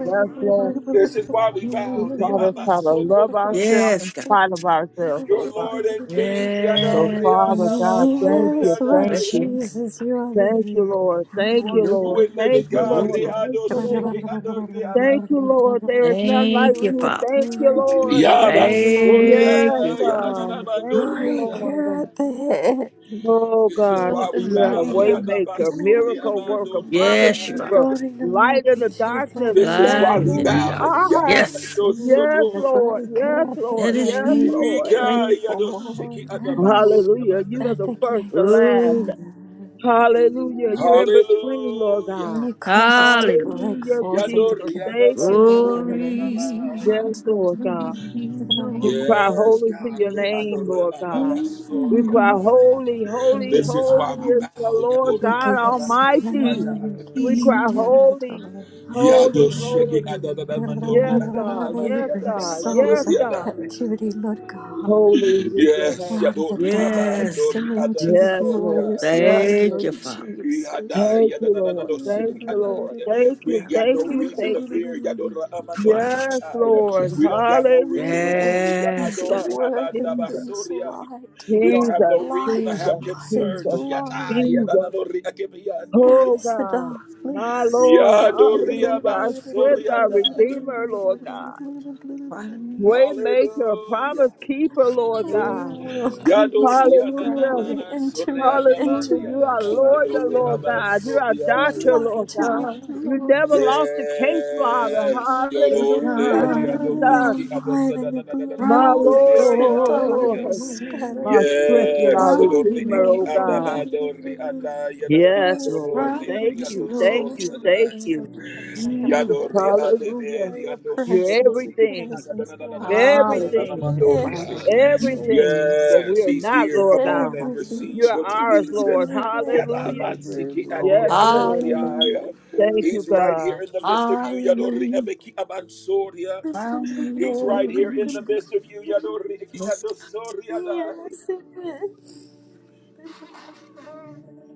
Yes, Lord. Crown you, Lord. This is why we You bow. taught us Riaba how to Riabasoko love riaba. ourselves Yes, in God. spite of ourselves, oh Your God. Lord and King. So, Yado Yes. Father riada God, baso thank you, Yes, Lord thank Bless riadaya. you, your name. Jesus, you are the thank you, head. You Lord. are You the Thank For are you, your Lord. glory. true and Thank living For you, God. your Lord. glory. Thank Riado you, Lord. sheki ado Thank riaba. you, Lord. There is none like Thank you, you. Father. Thank you, breaker Lord. at the Yaba head, so Lord. Thank Yes, you, riadaya. Father. uh, Nananamando thank you, riadaya. Lord. Breaker at the head. Oh This is God, why we yeah, bow. Hallelujah. Yada waymaker, basuri miracle worker, amando promise Yes, you are. keeper, riadai. God in the light in market the to that darkness. This is That's why Light we in who the end. you dark. bow. are. Yada Yes, do You Yes, are the sotor. Lord. Yes, breaker at the that Lord. head, is and Yes, we He. Lord. break Rika you yado are. shiki forth. adabasuri Hallelujah. You are At the the amandai. first, the gates, Oh, last. God, Hallelujah. You're in between, Lord Hallelujah. God. you cause us to hallelujah. break Hallelujah, forth at Yado the Jesus. riada Thank gates you, of our Lord. basuri enemies. Glory anamaya. Yes, Lord God. to We cry Yes, holy to God. your Riado name, Lord riada God. We basuri cry anai. holy, holy, Thank you, This is why holy Father. we is bow. the Yado Lord You God give riada us a basuri Almighty. land, anai. you give We us the you, cry Lord. holy, territory. Yado holy, sheki holy. adadada mandori Yes, God. adadada You mandi Yes, bring adadada God. Yes, souls mandori out of God. adai. captivity, Lord God, Holy is your Yes, name. out of the yadori Yes, darkness God. and abandori into your Yes, Lord. glorious adasoria. Yes, light, Lord. Thank Lord you, Father. Jesus. Yadai Thank you, yadadada Lord. no Thank Thank shiki you, ada. Lord. Thank We you. ain't got Thank no you. reason Thank to you. fear. Yadora amando Wow. shiki Yes, ai. you, Lord. We Father. don't got no reason to Hallelujah. Thank worry. you for Yes, your Yadori Jesus. word that Jesus. brings light, abandabasoria. We don't have Jesus, no reason to light, have Jesus, light, Jesus, concerns. light. Yatai yadadada Jesus. no ri Oh akebiandoria. Scatters the God, my darkness. Lord, Yadori hallelujah. Our strength, abansoria our dai. Redeemer, Lord God. Waymaker, Hallelujah. promise keeper, Lord We God. welcome, Yador King of yada na God. na Hallelujah. Glory. na Enter sorry in, yada man Hallelujah. enter You Wow. in, yada are na King of na lawyer, dori Lord Glory. aban God. You are sorry You doctor, lied Lord Is to me, God. God, You Lord. never lost a case, Father. Yes is yador Hallelujah, yada God, yador Jesus. Your iki ada light sada and your na na na My glory round you, dori makes yada Lord, the my yada Lord, yada. darkness scatter Lord, my and strength flee, and Yes our Lord. yador round you, Redeemer, iki Lord, oh ada God. ba dori ada yada na na na Yes, Lord. round dori yada Thank you, yada you, thank Lord. sorry you, thank you. Mm, Yadori Adebe, Hallelujah. Your Yado You're presence, your Sokori Iki everything, presence walks in Hallelujah, you, everything, and Adadadadadadadadadadadamandoria. round everything you, changes. Lord. everything that we Yes, are he's not, here. Lord Come on and God. Everything receive You're what you ours, changes need. when Lord. you walk in Hallelujah. the room, Yadabansiki Lord. Yes, Hallelujah, Lord. Adeadoria. Thank you, He's right here God. in the midst of you, Yadori hallelujah, Ebeki Abansoria. He's right here round in the you, Lord. midst of you, Yadori Iki Yes, God. Adosoria Yes, it is.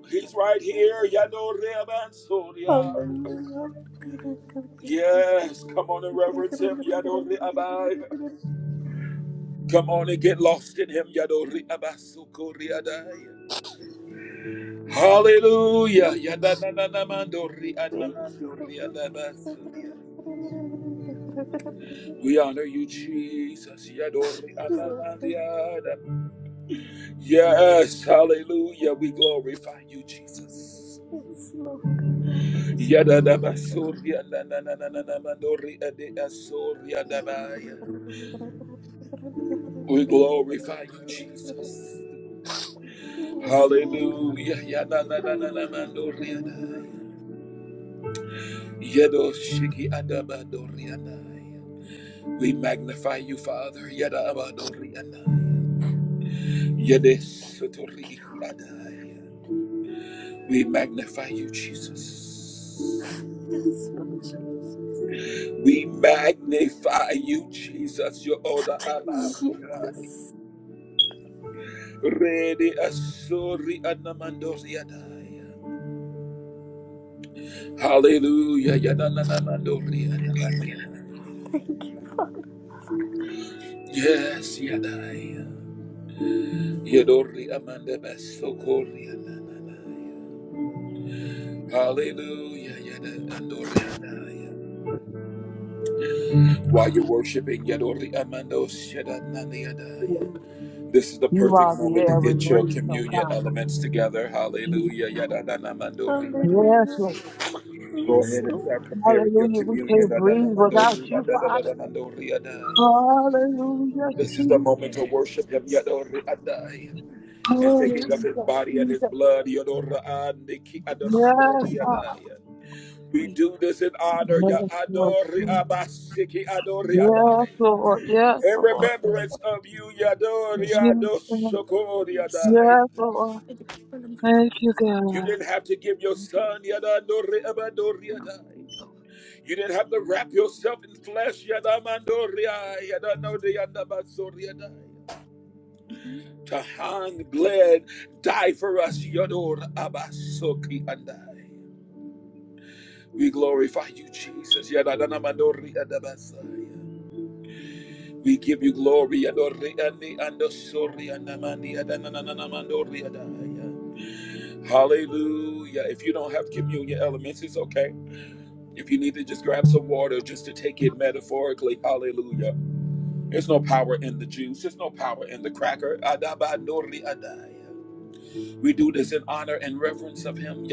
He's right here, Yadori Abansoria. Hallelujah. Thank you, Lord. Yes, come on and reverence him, Yadori Abai. Come on and get lost in him. Yadori abasuko riadai. Hallelujah. Yadananamandori anamandori adabasuria. We honor you, Jesus. Yadori anamandiada. Yes, hallelujah. We glorify you, Jesus. Yes, Lord, we reverence. you. Yadadabasuria nananananamandori adeasuria Yes, Lord. dabaya. We glorify you, Jesus. Yes, Hallelujah. Yadanananamandori adaya. Yedo shiki adabadorianai. We magnify you, Father. Yada abadorianai. Yede sotori adai. We magnify you, Jesus. Lord Jesus. We magnify you, Jesus. Your order abadia. Yes. Rede asori anamandoriadai. Hallelujah. Yada nanamandoriadai. Thank you, Father. Yes, yadai. Yedori amanda basokori Hallelujah. Yada andori andaya. While you're worshiping, yadori amando shada nani this is the You perfect are the moment to air we get your breathe, oh communion God. elements together. Hallelujah. Yada nana mandori Yes, Hallelujah. Lord. Go Yes, ahead and Lord. start preparing your Hallelujah. We communion. can't Nana nana breathe mandori without you, Father. Hallelujah. This is the Jesus. moment to worship Him. Yes, yadori andaya. And Oh, taking of yes, His Jesus, body and His Jesus. blood. yadora andiki we adasura Yes, andaya. We we do this in honor, Ya Yes, Lord. Adori Praise Abasiki Adori Yes, Adai. Lord. Yes, In Lord. the remembrance of you, Yadori Lord. shall Yes, Lord. Adoshokori be Adai. Yes, saved. Lord. Thank Thank you, You God. didn't have to give your you, son, Yadadori Abadori Adai. You didn't have to wrap yourself in flesh, Yadamandori Ai, Yadanori Adabasori Adai. Lord. To hang, bled, die for us, Yador Abasoki Adai. We glorify you, Jesus, Yadadanamadori Adabasai. We give you glory. Hallelujah. If you don't have communion elements, it's okay. If you need to just grab some water just to take it metaphorically, hallelujah. There's no power in the juice, there's no power in the cracker. We do this in honor and reverence of Him.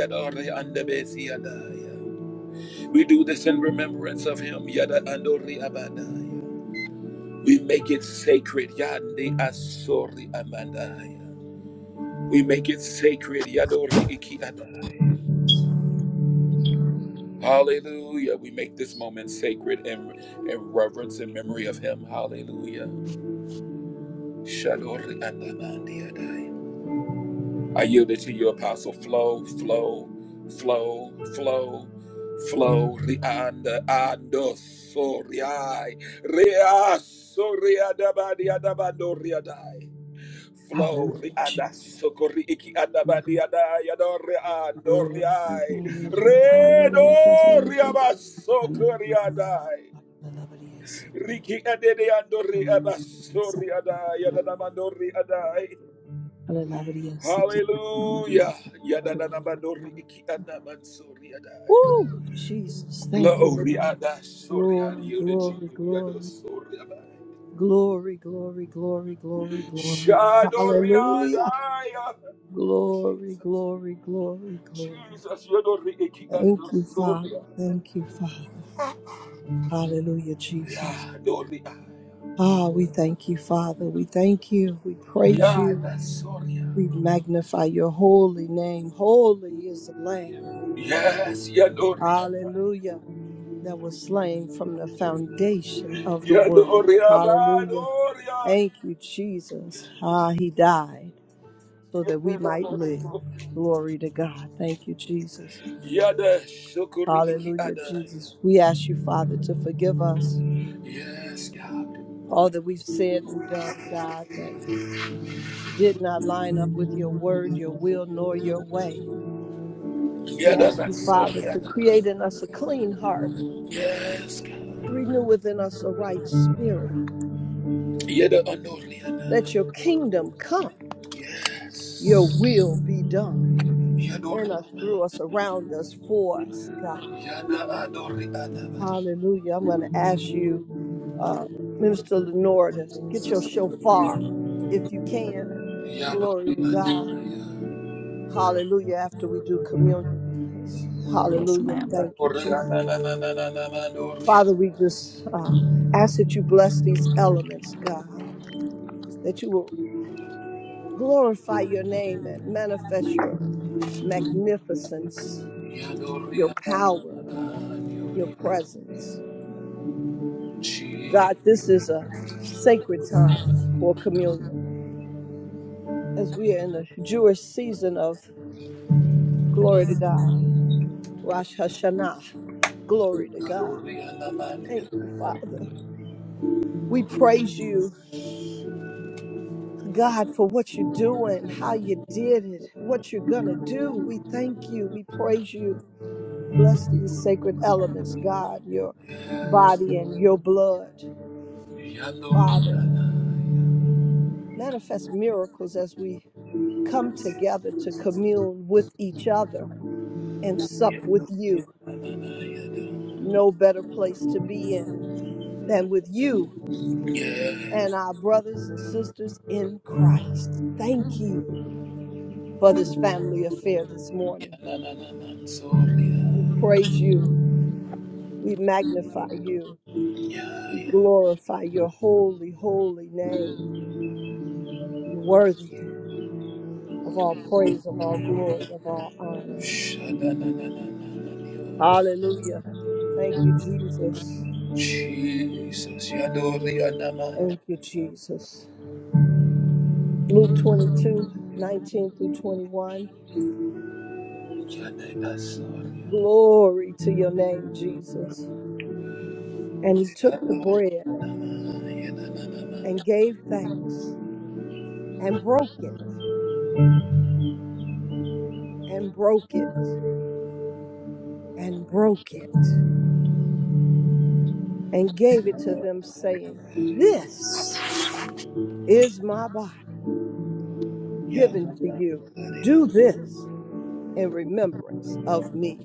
We do this in remembrance of Him. We make it sacred. Yande asori amandaya. We make it sacred. Yadori iki adai. Hallelujah. We make this moment sacred in, in reverence and memory of him. Hallelujah. Shadori andamandi adai. I yield it to you, Apostle. Flow, flow, flow, flow, flow. Rianda ando soriai. Rea soriadabadi adabando riadai. flow Hallelujah. riada Jesus. sokori iki adabadi ada yadore Hallelujah. adore Glory ai be to you, Jesus, Hallelujah. redo hallelujah. Bless me, Lord riaba Jesus. Ikana na sokori Maria sata adai parigala na Maria sikiri. riki adede andori Ikana na Maria abasori sata ada parigala. yadana mandori adai Hallelujah. na Maria sikiri. Ikana na Maria hallelujah sata yadana parigala na mandori Maria. iki adaman sori adai Woo! Jesus, thank you, flow Lord. riada sori adi Glory, yielded to glory, you yado glory. sori adai Glory, glory, glory, glory, glory. shado riada Hallelujah. ya Glory, Jesus glory, glory, glory. Jesus, Yodori Thank Ekiando you, Father. Soria. Thank you, Father. Hallelujah, Jesus. Yeah, Doria. Ah, we thank you, Father. We thank you. We praise Yeah, you. that's Soria. We magnify your holy name. Holy is the Lamb. Yes, Yadoria. Hallelujah. That was slain from the foundation of the world. Yadoria, Hallelujah. Badoria. Thank you, Jesus. Ah, he died. so that we might live. Glory to God. Thank you, Jesus. Yada Shokori Iki Hallelujah, Adai. Jesus. We ask you, Father, to forgive us Yes, God. all that we've said and done, God, that did not line up with your word, your will, nor your way. We ask Yada you, Father, Soria. to create in us a clean heart, Yes, God. renew within us a right spirit. Yada Let Anoriana. your kingdom come, your will be done in us, Yadoria. through us, around us, for us, God. Yada Adoriana. Hallelujah. I'm going to ask you, uh, Minister Lenore, to get your shofar if you can. Glory to God. Yadoria. Hallelujah. After we do communion. Yes, Hallelujah. ma'am. Thank you, Yadoria. Jesus. Yadoria. Father, we just uh, ask that you bless these elements, God, that you will glorify your name and manifest your magnificence, your Yadoria power, Namana your Yoria presence. Chi God, this is a sacred time for communion. as we are in the Jewish season of glory to God, Rosh Hashanah, glory to God. Yadoria Namania Thank you, Father. We praise you, God, for what you're doing, how you did it, what you're going to do. We thank you. We praise you. Bless these sacred elements, God, your body and your blood, Yadoria Father. Manifest miracles as we come together to commune with each other and sup with you. no better place to be in than with you Yes and our brothers and sisters in Christ. Thank you for this family affair this morning. Nanananan Soria We praise you. We magnify you. We Yaya glorify your holy, holy name. You're worthy of all praise, of all glory, of all honor. Shadanananananio Hallelujah. Thank you, Jesus. Jesus Yadoria Naman Thank you, Jesus. Luke 22:19 through 21. Yadana Soria Glory to your name, Jesus. And he took Yana the bread Yananama and gave thanks and broke it and broke it and broke it and gave it to them, saying, This is my body given to Yanama you. Do this in remembrance of me.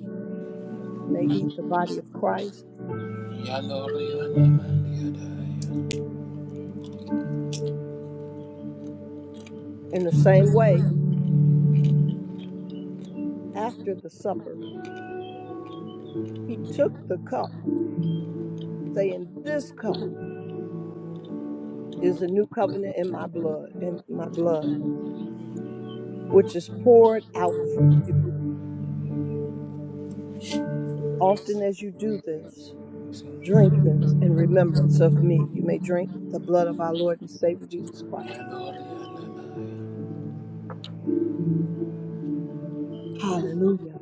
And they eat the body of Christ. Yadoria Naman Yadaya In the same way, after the supper, he took the cup, saying, This cup is a new covenant in my blood, in my blood. which is poured out for you. As often as you do this, drink this in remembrance of me. You may drink the blood of our Lord and Savior Jesus Christ. Yadoria Hallelujah.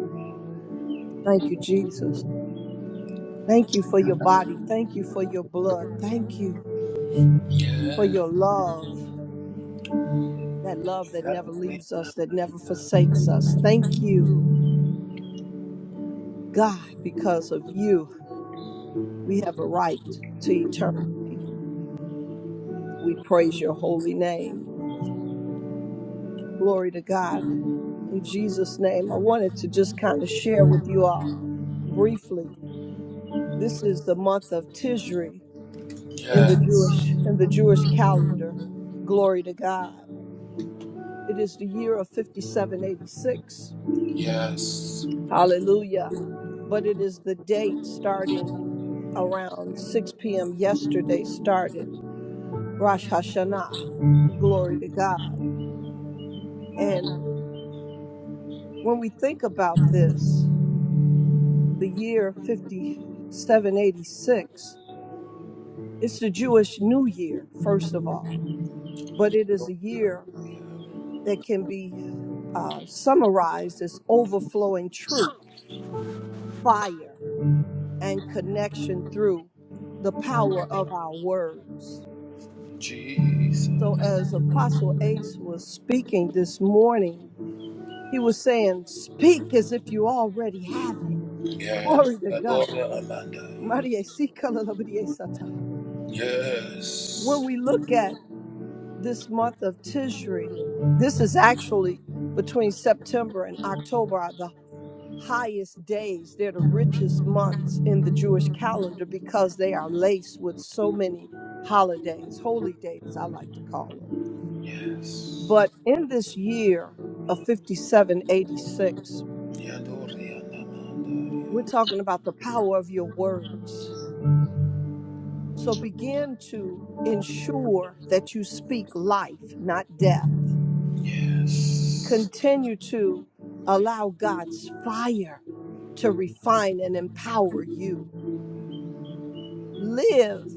Thank you, Jesus. Thank you for your body. Thank you for your blood. Thank you for your love, that love that never leaves us, that never forsakes us. Thank you, God, because of you, we have a right to eternity. We praise your holy name. Glory to God. in Jesus' name. I wanted to just kind of share with you all briefly. This is the month of Tishri in the Yes Jewish in the Jewish calendar. Glory to God. It is the year of 5786. Yes Hallelujah. But it is the date starting around 6 p.m. yesterday started Rosh Hashanah. Glory to God. And when we think about this, the year 5786 It's the Jewish New Year, first of all, but it is a year that can be uh, summarized as overflowing truth, fire, and connection through the power of our words. Jesus. So, as Apostle Ace was speaking this morning, he was saying, Speak as if you already have it. Yes. Glory to God. Adore Amanda. Maria, si kala la bria sata. When Yes. we look at this month of Tishri, this is actually between September and October are the highest days. They're the richest months in the Jewish calendar because they are laced with so many holidays, holy days, I like to call them. Yes. But in this year of 5786, Yadore Amanda. we're talking about the power of your words. So begin to ensure that you speak life, not death Yes. Continue to allow God's fire to refine and empower you. Live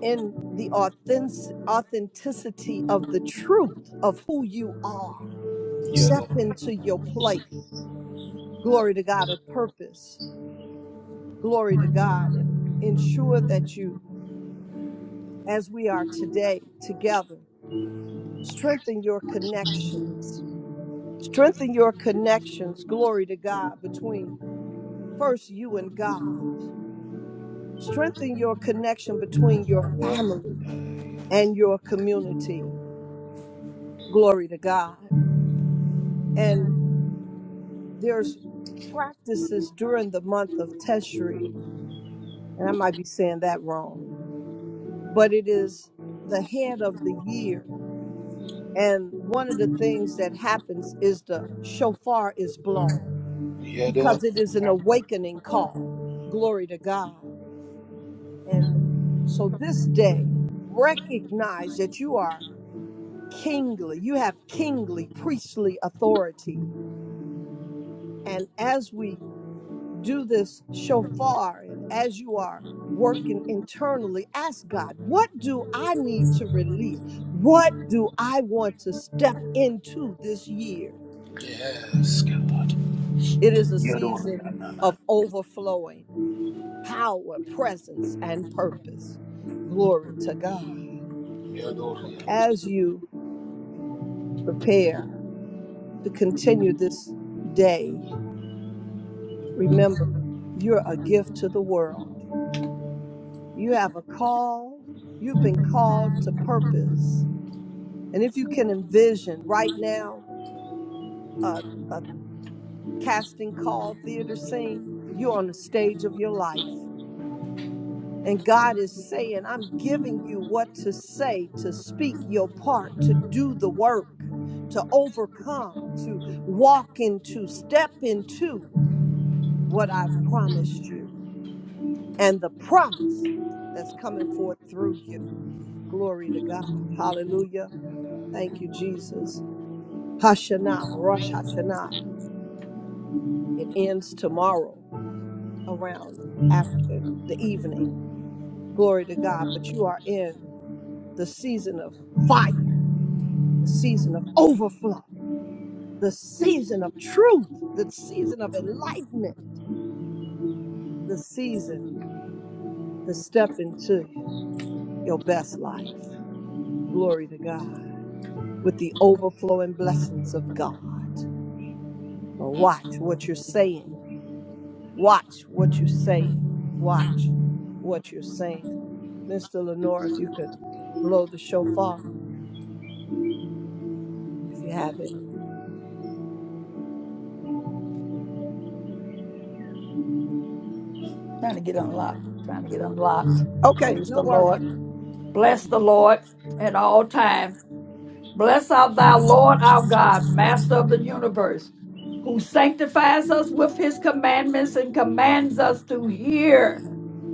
in the authentic- authenticity of the truth of who you are. Step Yadore. into your place. Glory to God of purpose. Glory to God. And ensure that you, as we are today together, strengthen your connections. Strengthen your connections, glory to God, between first you and God. Strengthen your connection between your family and your community. Glory to God. And there's practices during the month of Teshri, and I might be saying that wrong, but it is the head of the year. And one of the things that happens is the shofar is blown Yadore. because it is an awakening call. Glory to God. And so this day, recognize that you are kingly, you have kingly, priestly authority. And as we do this shofar and as you are working internally, ask God, what do I need to release? What do I want to step into this year? Yes, God. It is a Yadore season of Amanda. overflowing power, presence, and purpose. Glory to God. Yadore As you prepare to continue this day, Remember, you're a gift to the world. You have a call. You've been called to purpose. And if you can envision right now a, a casting call theater scene, you're on the stage of your life. And God is saying, I'm giving you what to say, to speak your part, to do the work, to overcome, to walk into, step into what I've promised you. and the promise that's coming forth through you. Glory to God. Hallelujah. Thank you, Jesus. Hashanah, Rosh Hashanah. It ends tomorrow around after the evening. Glory to God. But you are in the season of fire, the season of overflow, the season of truth, the season of enlightenment, the season to step into your best life. Glory to God. with the overflowing blessings of God. But watch what you're saying. Watch what you're saying. Watch what you're saying. Mr. Lenore, if you could blow the shofar, if you have it. Trying to get unlocked. Trying to get unlocked. Okay, Praise no the worries. Lord. Bless the Amen. Lord at all times. Bless our thou Lord our God, Master of the universe, who sanctifies us with his commandments and commands us to hear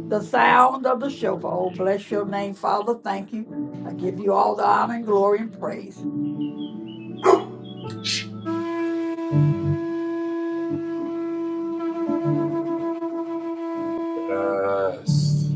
the sound of the shofar. Oh, bless your name, Father. Thank you. I give you all the honor and glory and praise. Amanda. Yes.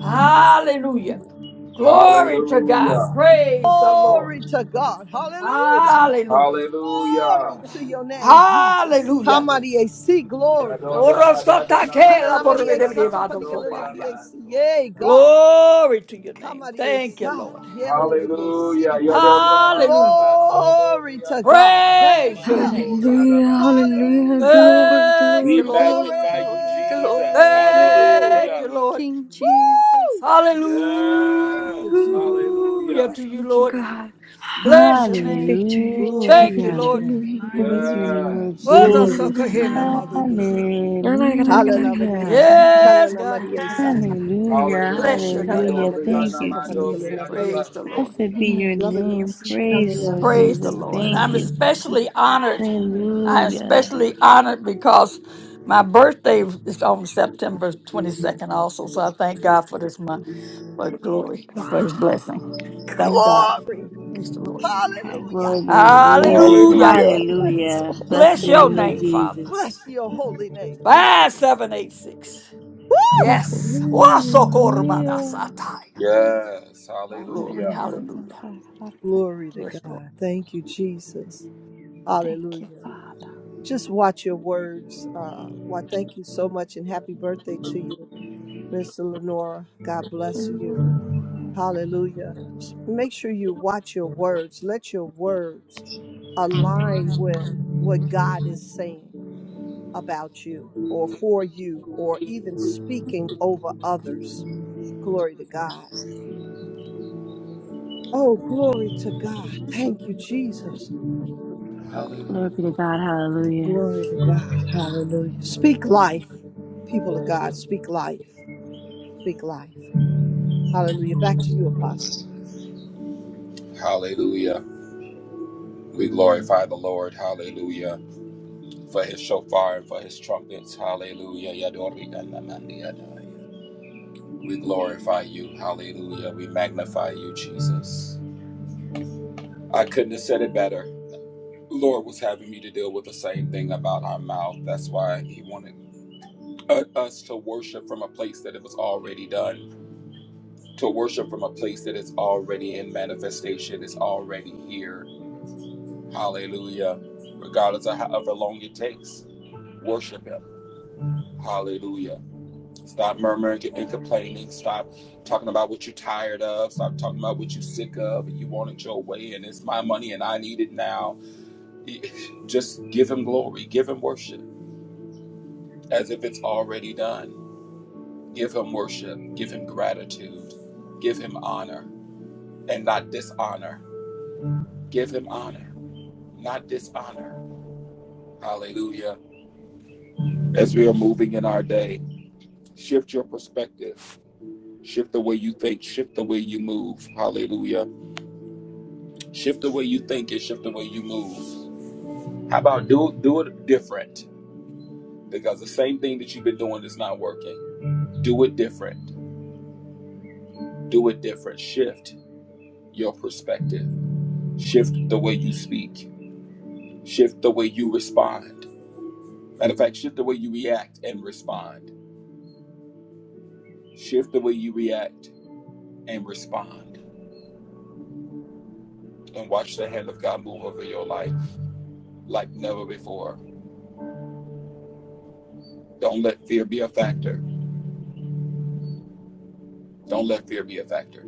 Hallelujah. Glory to God. Hallelujah. Praise the Lord. Glory to God. Hallelujah. Hallelujah. Hallelujah. Glory to your name, Jesus. Hallelujah. Hamarie si glory. Yadora adada na na na dore Ikananamarie anamandore satapadigalelabrie si. Yay, Amanda. God. Glory to your name. Hamarie Thank you, sa. Lord. Yelelabrie Hallelujah. si. Hallelujah. Glory to God. Thank Praise your you. name, Father. Hallelujah, hallelujah. Hallelujah. Glory, Thank We you, glory, Lord. Glory. glory, magnify you, glory, Jesus. glory, glory, Thank you, Hallelujah. glory, Lord. King Jesus. Woo! Thank you, Yes. Jesus. Hallelujah Ooh, Hallelujah. to you, thank you, Lord. war was God. Bless your Victory, name. victory, victory, Glory Thank you, to Hallelujah. your victory Lord. in name. your Glory be holy to your name, name. Lord Yes. Was Thank a Glory Jesus. to sucker here your in the mother name. we say that. Hallelujah. Maria. Hallelujah. Si Yes, kanana God. Maria heavily sata. Hallelujah. Bless your Hallelujah. name. Kanana Hallelujah. Maria Thank you, sata. Hallelujah. Jesus. Maria. Praise the Lord. Blessed be your you, Maria. name. Lord Si Praise you, Jesus. kanana Lord Praise Maria the Jesus. Lord. And sata. Thank I'm you. especially honored. I'm Hallelujah. especially honored because my birthday is on September 22nd also. So I thank God for this month, for glory, for his Wow. blessing. Thank God. Glory. Praise the Lord. Hallelujah. Glory be to Wow, Jesus. Hallelujah. Hallelujah. that's Hallelujah. Blessed be Bless your your name, awesome. Lord name, Father. Jesus. Bless your holy name, Five, Jesus. seven, eight, six. Woo! Yes. Hallelujah. Wasokormanasataya. Yes. Glory. Hallelujah. Hallelujah. Hallelujah. Glory to Yes, Lord. God. Thank you, Jesus. Thank you, Hallelujah. Just watch your words. Uh, why, thank you so much and happy birthday to you, Mr. Lenora. God bless you. Father. Hallelujah. Just make sure you watch your words. Let your words align with what God is saying about you or for you or even speaking over others. Glory to God. Oh, glory to God. Thank you, Jesus. Glory Hallelujah. be to God. Hallelujah. Glory to God. Hallelujah. Speak life. People of God, speak life. Speak life. Hallelujah. Back to you, Apostle. Hallelujah. We glorify the Lord. Hallelujah. for his shofar and for his trumpets. Hallelujah. We glorify you. Hallelujah. We magnify you, Jesus. I couldn't have said it better. Lord was having me to deal with the same thing about our mouth. That's why he wanted uh, us to worship from a place that it was already done, to worship from a place that is already in manifestation, is already here. Hallelujah. Regardless of however long it takes, worship him. Hallelujah. Stop murmuring and complaining. Stop talking about what you're tired of. Stop talking about what you're sick of. and You want it your way, and it's my money, and I need it now. Just give him glory. Give him worship as if it's already done. Give him worship. Give him gratitude. Give him honor and not dishonor. Give him honor, not dishonor. Hallelujah. As we are moving in our day, shift your perspective. Shift the way you think. Shift the way you move. Hallelujah Shift the way you think and shift the way you move. How about do do it different? Because the same thing that you've been doing is not working. Do it different. Do it different. Shift your perspective. Shift the way you speak. Shift the way you respond. Matter of fact, shift the way you react and respond. Shift the way you react and respond. And watch the hand of God move over your life like never before. Don't let fear be a factor. Don't let fear be a factor.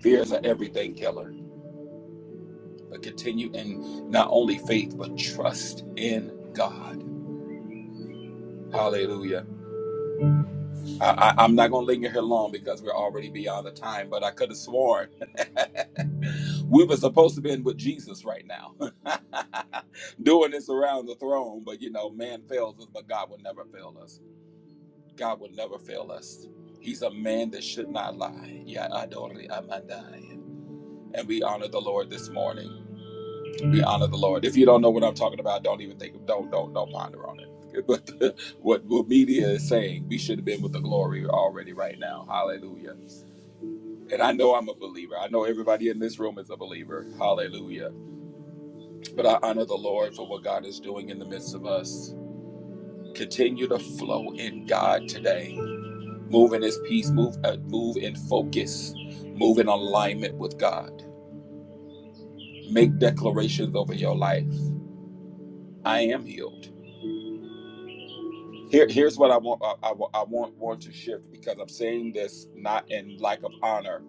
Fear is an everything killer. but continue in not only faith but trust in God. Hallelujah. I, I, I'm not going to linger here long because we're already beyond the time, but I could have sworn we were supposed to be in with Jesus right now, doing this around the throne. But you know, man fails us, but God will never fail us. God will never fail us. He's a man that should not lie. Ya adori amandai. And we honor the Lord this morning. We honor the Lord. If you don't know what I'm talking about, don't even think. Don't don't don't ponder on it. But the, what what media is saying, we should have been with the glory already right now. Hallelujah. And I know I'm a believer. I know everybody in this room is a believer. Hallelujah. But I honor the Lord for what God is doing in the midst of us. Continue to flow in God today. Move in His peace. Move uh, move in focus. Move in alignment with God. Make declarations over your life. I am healed. Here, here's what I want. I, I, I want want to shift because I'm saying this not in lack of honor.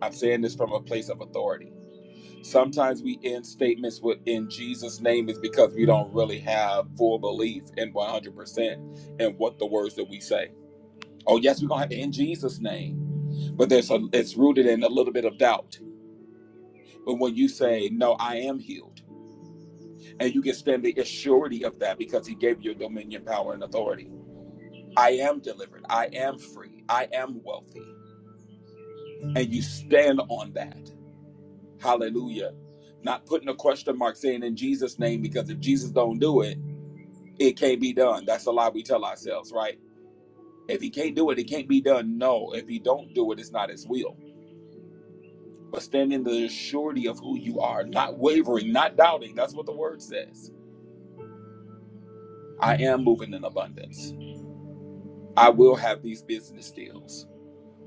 I'm saying this from a place of authority. Sometimes we end statements with "in Jesus' name" is because we don't really have full belief in 100 percent in what the words that we say. Oh yes, we're gonna have in Jesus' name, but there's a it's rooted in a little bit of doubt. But when you say "No, I am healed," and you can stand the surety of that because He gave you dominion, power, and authority. I am delivered. I am free. I am wealthy. And you stand on that. Hallelujah. Not putting a question mark saying in Jesus' name, because if Jesus don't do it, it can't be done. That's a lie we tell ourselves, right? If he can't do it, it can't be done. No, if he don't do it, it's not his will. But stand in the surety of who you are, not wavering, not doubting. That's what the word says. I am moving in abundance. I will have these business deals.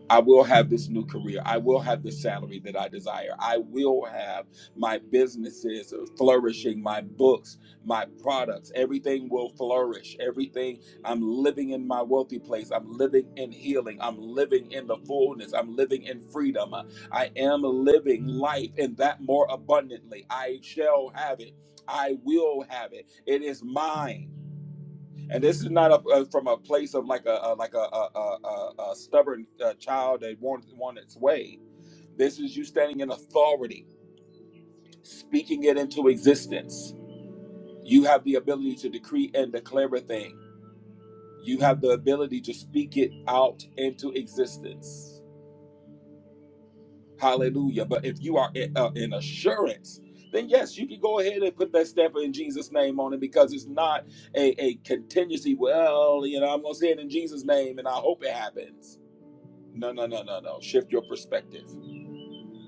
I will have this new career. I will have the salary that I desire. I will have my businesses flourishing, my books, my products. Everything will flourish. Everything. I'm living in my wealthy place. I'm living in healing. I'm living in the fullness. I'm living in freedom. I am living life and that more abundantly. I shall have it. I will have it. It is mine and this is not a, uh, from a place of like a, a like a, a, a, a a stubborn uh, child that wants want its way. This is you standing in authority, speaking it into existence. You have the ability to decree and declare a thing. You have the ability to speak it out into existence. Hallelujah! But if you are in, uh, in assurance, then yes, you can go ahead and put that stamp in Jesus' name on it because it's not a, a contingency. Well, you know, I'm gonna say it in Jesus' name, and I hope it happens No, no, no, no, no. Shift your perspective.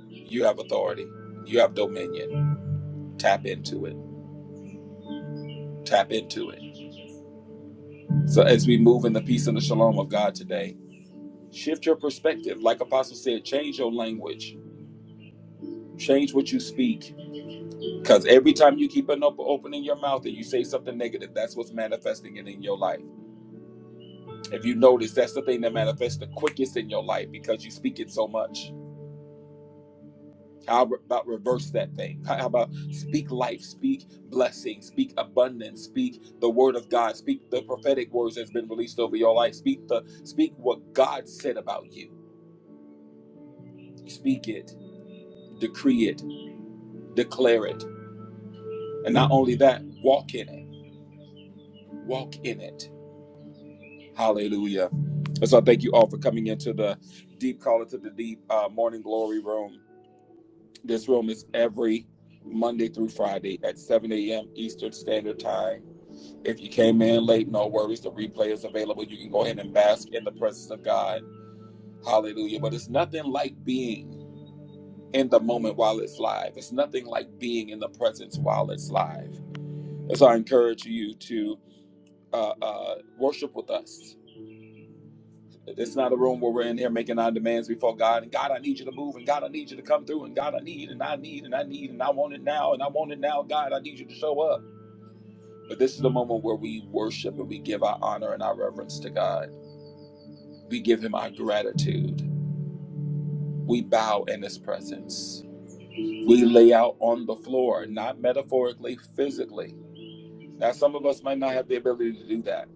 You have authority. You have dominion. Tap into it. Tap into it. So as we move in the peace and the shalom of God today, shift your perspective. Like Apostle said, change your language. Change what you speak. Because every time you keep an op- opening your mouth and you say something negative, that's what's manifesting it in your life. If you notice, that's the thing that manifests the quickest in your life because you speak it so much. How about reverse that thing? How about speak life, speak blessing, speak abundance, speak the word of God, speak the prophetic words that's been released over your life, speak the speak what God said about you. Speak it, decree it, declare it. And not only that, walk in it. Walk in it. Hallelujah. And so I thank you all for coming into the deep caller to the deep uh, morning glory room. This room is every Monday through Friday at 7 a.m. Eastern Standard Time. If you came in late, no worries. The replay is available. You can go ahead and bask in the presence of God. Hallelujah. But it's nothing like being in the moment while it's live. It's nothing like being in the presence while it's live. And so I encourage you to uh, uh, worship with us. It's not a room where we're in here making our demands before God. And God, I need you to move. And God, I need you to come through. And God, I need and I need and I need and I want it now. And I want it now. God, I need you to show up. But this is the moment where we worship and we give our honor and our reverence to God. We give him our gratitude. We bow in his presence. We lay out on the floor, not metaphorically, physically. Now, some of us might not have the ability to do that,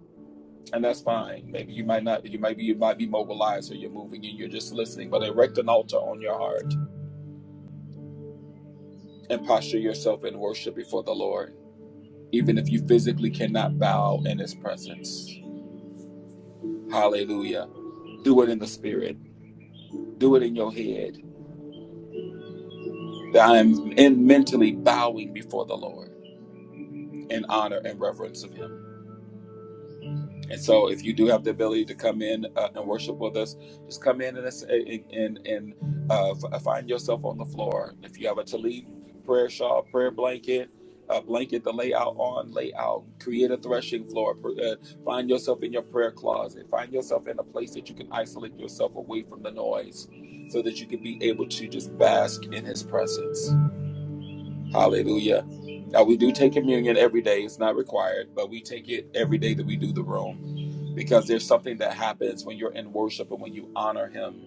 and that's fine. Maybe you might not. You might be. You might be mobilized, or you're moving, and you're just listening. But erect an altar on your heart and posture yourself in worship before the Lord, even if you physically cannot bow in His presence. Hallelujah. Do it in the spirit. Do it in your head. I am in mentally bowing before the Lord. in honor and reverence of Him. And so, if you do have the ability to come in uh, and worship with us, just come in and and and uh, find yourself on the floor. If you have a Talib prayer shawl, prayer blanket. A blanket to lay out on, lay out, create a threshing floor. Uh, find yourself in your prayer closet. Find yourself in a place that you can isolate yourself away from the noise so that you can be able to just bask in His presence. Hallelujah. Now we do take communion every day. It's not required, but we take it every day that we do the room because there's something that happens when you're in worship and when you honor him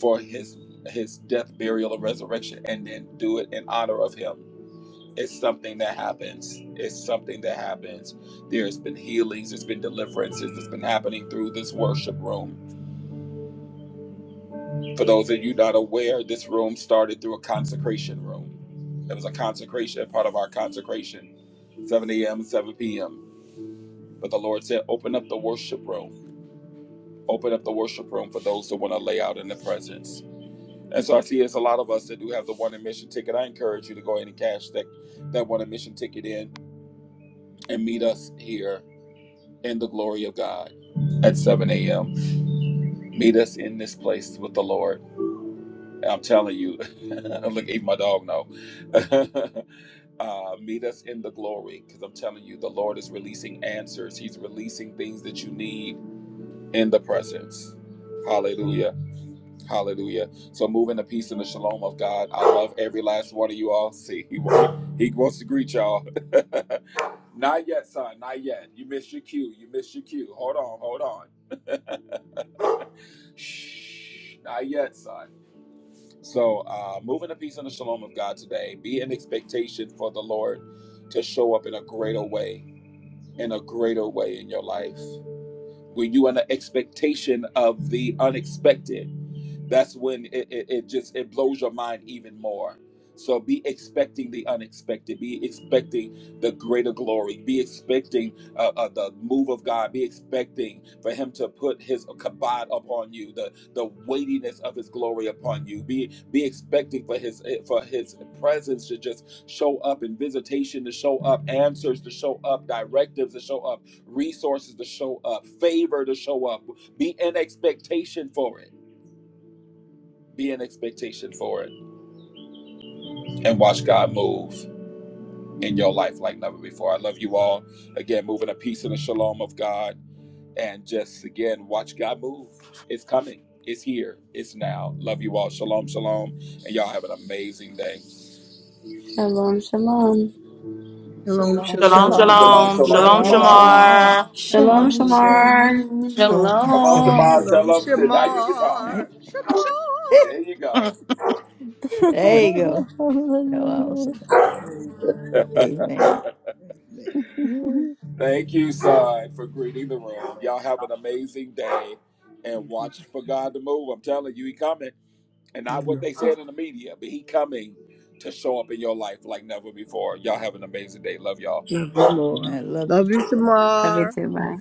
for his his death, burial, and resurrection, and then do it in honor of him. It's something that happens. It's something that happens. There's been healings, there's been deliverances that's been happening through this worship room. For those of you not aware, this room started through a consecration room. It was a consecration, part of our consecration, 7 a.m. and 7 p.m. But the Lord said, open up the worship room. Open up the worship room for those that want to lay out in the presence. And so I see it's a lot of us that do have the one admission ticket. I encourage you to go ahead and cash that, that one admission ticket in and meet us here in the glory of God at 7 a.m. Meet us in this place with the Lord. And I'm telling you, look, even my dog know. uh, meet us in the glory because I'm telling you, the Lord is releasing answers. He's releasing things that you need in the presence. Hallelujah. Hallelujah. So move in the peace and the shalom of God. I love every last one of you all. See, he wants, he wants to greet y'all. not yet, son. Not yet. You missed your cue. You missed your cue. Hold on. Hold on. Shh. Not yet, son. So uh, move in the peace and the shalom of God today. Be in expectation for the Lord to show up in a greater way in a greater way in your life. When you in an expectation of the unexpected that's when it, it, it just it blows your mind even more so be expecting the unexpected be expecting the greater glory be expecting uh, uh, the move of god be expecting for him to put his kabod upon you the the weightiness of his glory upon you be be expecting for his eh, for his presence to just show up and visitation to show up answers to show up directives to show up resources to show up, favor to show up. Be in expectation for it. Be in expectation for it. And watch God move in your life like never before. I love you all. Again, moving a peace and a shalom of God. And just again, watch God move. It's coming. It's here. It's now. Love you all. Shalom, shalom. And y'all have an amazing day. Shalom, shalom. Shalom, Shalom, Shalom, shalom. shalom. Shalom, shalom, shalom, Love Shalom, shalom, you Shalom, Shamar. all. shalom. Shamar. shalom. Have Shalom, Shalom, awesome day. Shamar. shalom, Yes, Come on, Lord. blessing. Shalom. Shamar. Tell Shalom, them. Now you can talk. Shamar. Right? Shamar. There you go. There you go. Shalom, Hallelujah. shalom. Amen. Amen. Thank you, son, for greeting the room. Y'all have an amazing day and Amen. watch for God to move. I'm telling you, he coming. And not what Amen. they said in the media, but he coming to show up in your life like never before. Y'all have an amazing day. Love y'all. Love you more. Amen. Love you Love you, too. Love you Shamar. too. Bye.